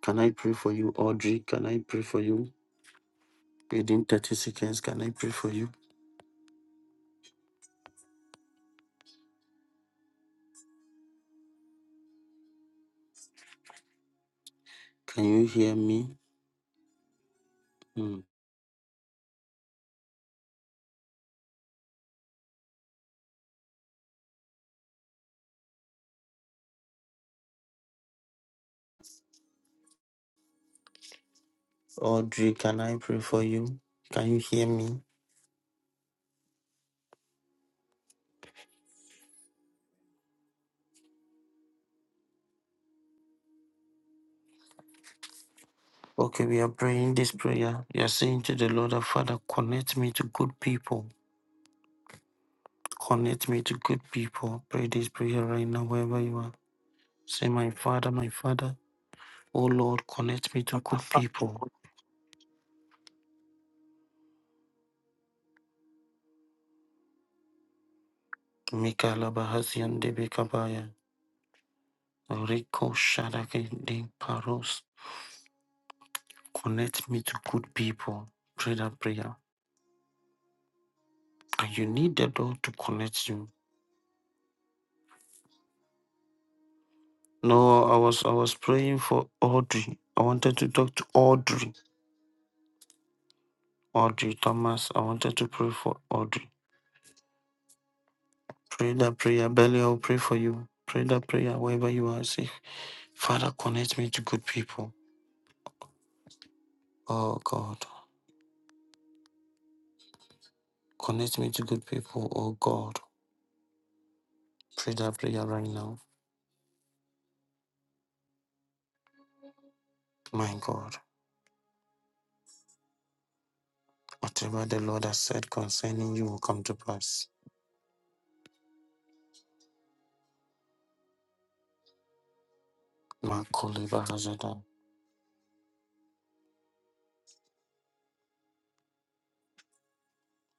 S1: Can I pray for you, Audrey? Can I pray for you? Within 30 seconds, can I pray for you? Can you hear me? Hmm. Audrey, can I pray for you? Can you hear me? Okay, we are praying this prayer. We are saying to the Lord, our Father, connect me to good people. Connect me to good people. Pray this prayer right now, wherever you are. Say, My Father, my Father, oh Lord, connect me to good people. Mikala Bahasian Debekabaya. Rico Shadake de Paros Connect me to good people. Pray that prayer. And you need the door to connect you. No, I was I was praying for Audrey. I wanted to talk to Audrey. Audrey Thomas. I wanted to pray for Audrey. Pray that prayer. Belly, I'll pray for you. Pray that prayer wherever you are. Say, Father, connect me to good people. Oh God. Connect me to good people. Oh God. Pray that prayer right now. My God. Whatever the Lord has said concerning you will come to pass. Makoleba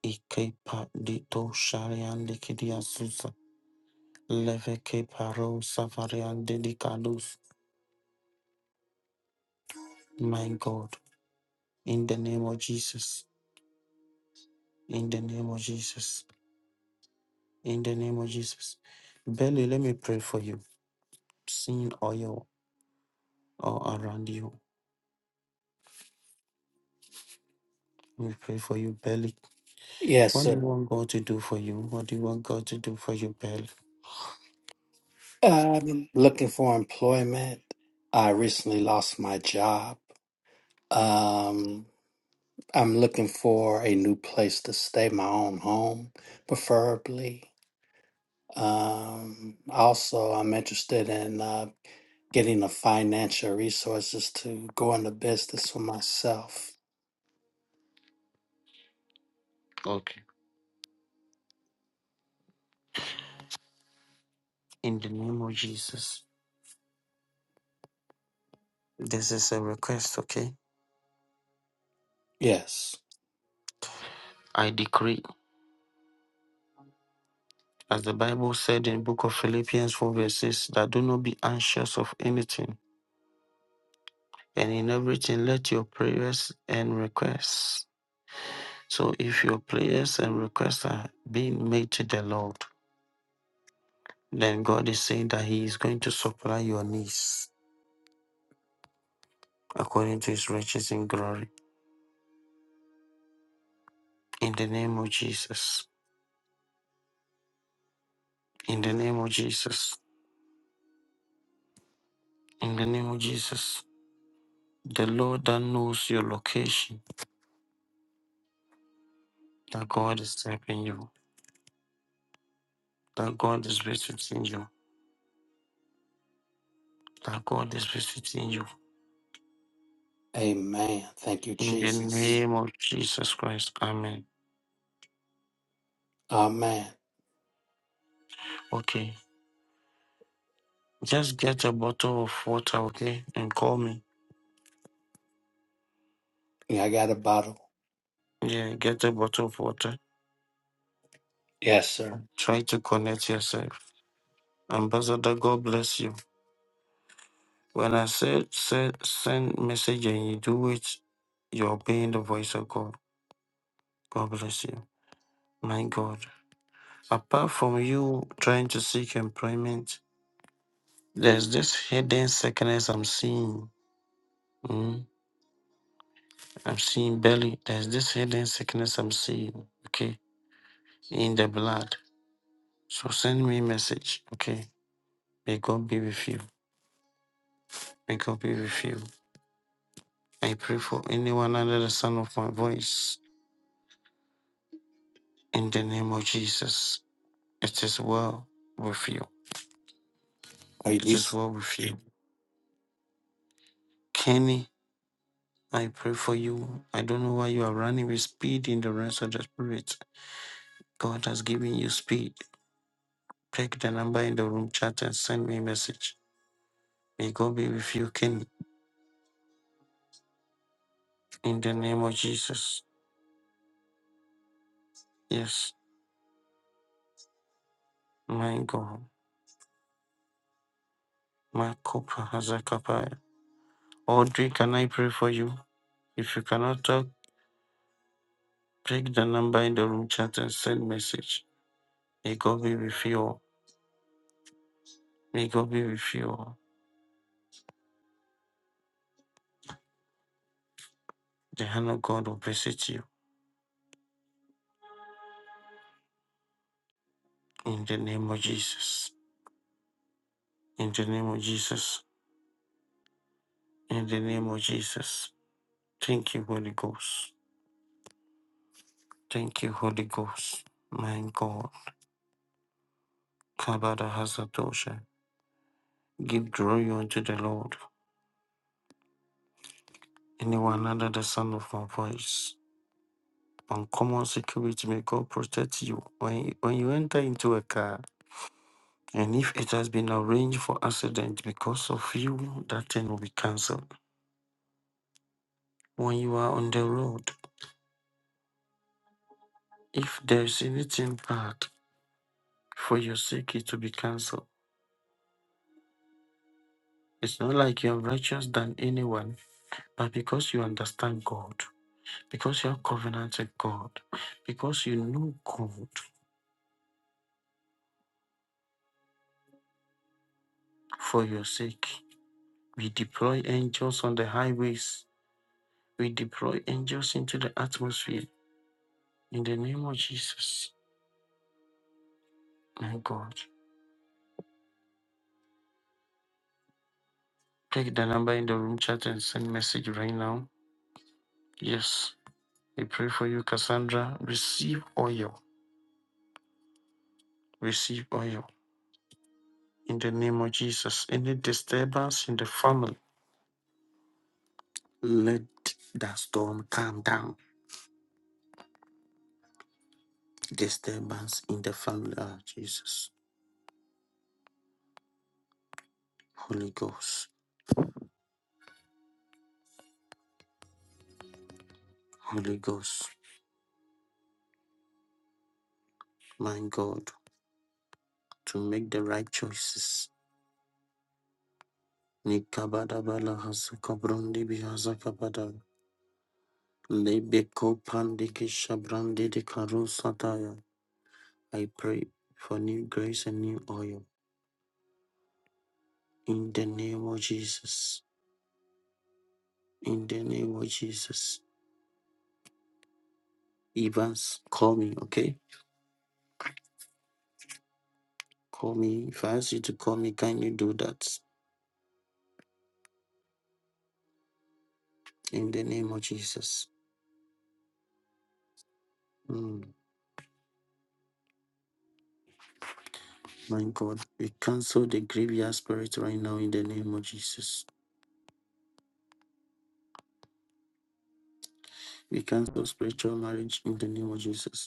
S1: Ikepa dito sharian likidia susa. Leve keparo savarian dedicadus. My God, in the name of Jesus, in the name of Jesus, in the name of Jesus. Belly, let me pray for you. Seeing oil all around you. Let me pray for you, Belly.
S14: Yes,
S1: What do you
S14: sir.
S1: want God to do for you? What do you want God to do for you, Belly?
S14: I'm looking for employment. I recently lost my job. Um, I'm looking for a new place to stay, my own home, preferably. Um, also, I'm interested in uh, getting the financial resources to go into business for myself.
S1: Okay. In the name of Jesus. This is a request, okay?
S14: Yes.
S1: I decree. As the Bible said in book of Philippians 4 verse 6, that do not be anxious of anything, and in everything let your prayers and requests. So if your prayers and requests are being made to the Lord, then God is saying that He is going to supply your needs according to His riches in glory. In the name of Jesus. In the name of Jesus. In the name of Jesus. The Lord that knows your location, that God is helping you, that God is visiting you that God is visiting you
S14: Amen. Thank you,
S1: in the
S14: Jesus.
S1: name of Jesus Christ. Amen.
S14: Amen.
S1: Okay, just get a bottle of water, okay, and call me.
S14: Yeah, I got a bottle.
S1: Yeah, get a bottle of water.
S14: Yes, sir.
S1: Try to connect yourself. Ambassador, God bless you. When I said, said send message and you do it, you're obeying the voice of God. God bless you. My God. Apart from you trying to seek employment, there's this hidden sickness I'm seeing. Hmm? I'm seeing belly. There's this hidden sickness I'm seeing, okay, in the blood. So send me a message, okay? May God be with you. May God be with you. I pray for anyone under the sound of my voice. In the name of Jesus, it is well with you.
S14: Are
S1: It
S14: you?
S1: is well with you. Kenny, I pray for you. I don't know why you are running with speed in the rest of the spirit. God has given you speed. Take the number in the room chat and send me a message. May God be with you, Kenny. In the name of Jesus. Yes, my God. My Kopa Hazakapaya. Audrey, can I pray for you? If you cannot talk, pick the number in the room chat and send message. May God be with you all. May God be with you all. The hand of God will visit you. In the name of Jesus. In the name of Jesus. In the name of Jesus. Thank you, Holy Ghost. Thank you, Holy Ghost. My God. Kabada Hazatosha. Give glory unto the Lord. Anyone under the sound of my voice, uncommon security, may God protect you. When, when you enter into a car, and if it has been arranged for accident because of you, that thing will be cancelled. When you are on the road, if there is anything bad for your sake, it will be cancelled. It's not like you're righteous than anyone, but because you understand God, because you're covenant with God, because you know God for your sake, we deploy angels on the highways We deploy angels into the atmosphere in the name of Jesus. My God. Take the number in the room chat and send message right now. Yes. We pray for you, Cassandra. Receive oil. Receive oil. In the name of Jesus. Any disturbance in the family, let that storm calm down. Disturbance in the family. Ah, Jesus. Holy Ghost. Holy Ghost. My God. To make the right choices Nikabadabala Hasakabrundi Bihazakabada. Lebeko Pandiki Shabrandi de Karusataya. I pray for new grace and new oil. In the name of Jesus. In the name of Jesus. Evans, call me, okay? Call me. If I ask you to call me, kindly do that. In the name of Jesus. Mm, my God. We cancel the graveyard spirit right now in the name of Jesus. We cancel spiritual marriage in the name of Jesus.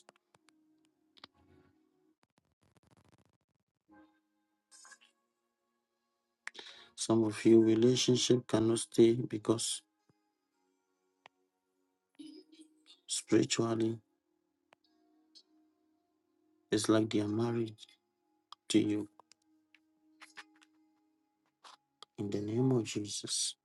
S1: Some of you relationship cannot stay because spiritually it's like they are married to you. In the name of Jesus.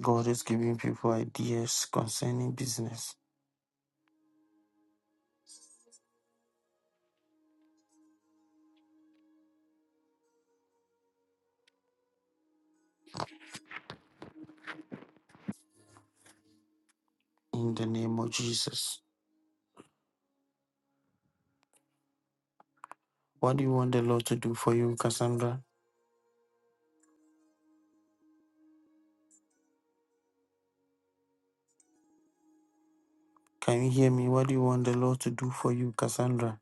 S1: God is giving people ideas concerning business. In the name of Jesus. What do you want the Lord to do for you, Cassandra? Can you hear me? What do you want the Lord to do for you, Cassandra?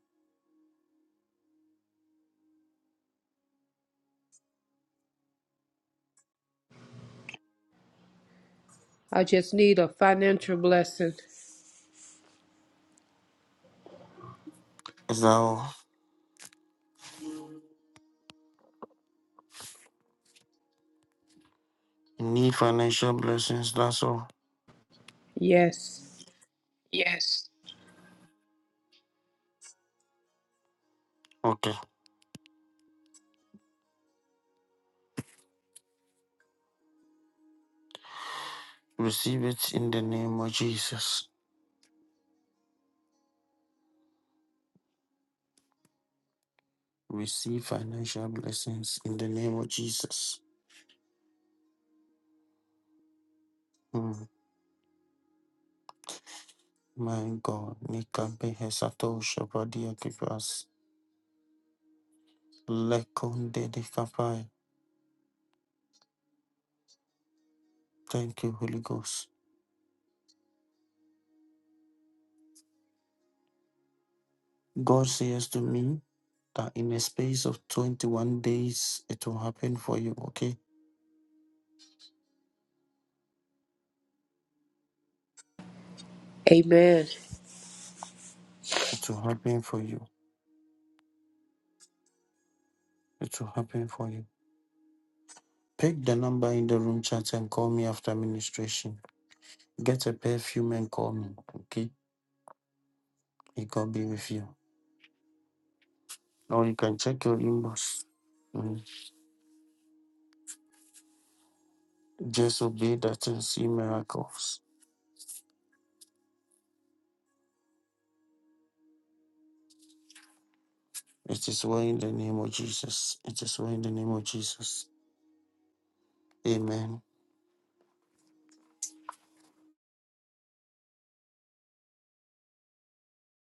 S15: I just need a financial blessing.
S1: Is that all? You need financial blessings, that's all.
S15: Yes.
S1: Okay. Receive it in the name of Jesus. Receive financial blessings in the name of Jesus. Hmm. My God, Nikabe Hesato Shabadia Kibras, Lekonde de Kapai. Thank you, Holy Ghost. God says to me that in a space of 21 days, it will happen for you, okay?
S15: Amen.
S1: It will happen for you. It will happen for you. Pick the number in the room chat and call me after ministration. Get a perfume and call me, okay? It God be with you. Or you can check your inbox. Mm. Just obey that and see miracles. It is well in the name of Jesus. It is well in the name of Jesus. Amen.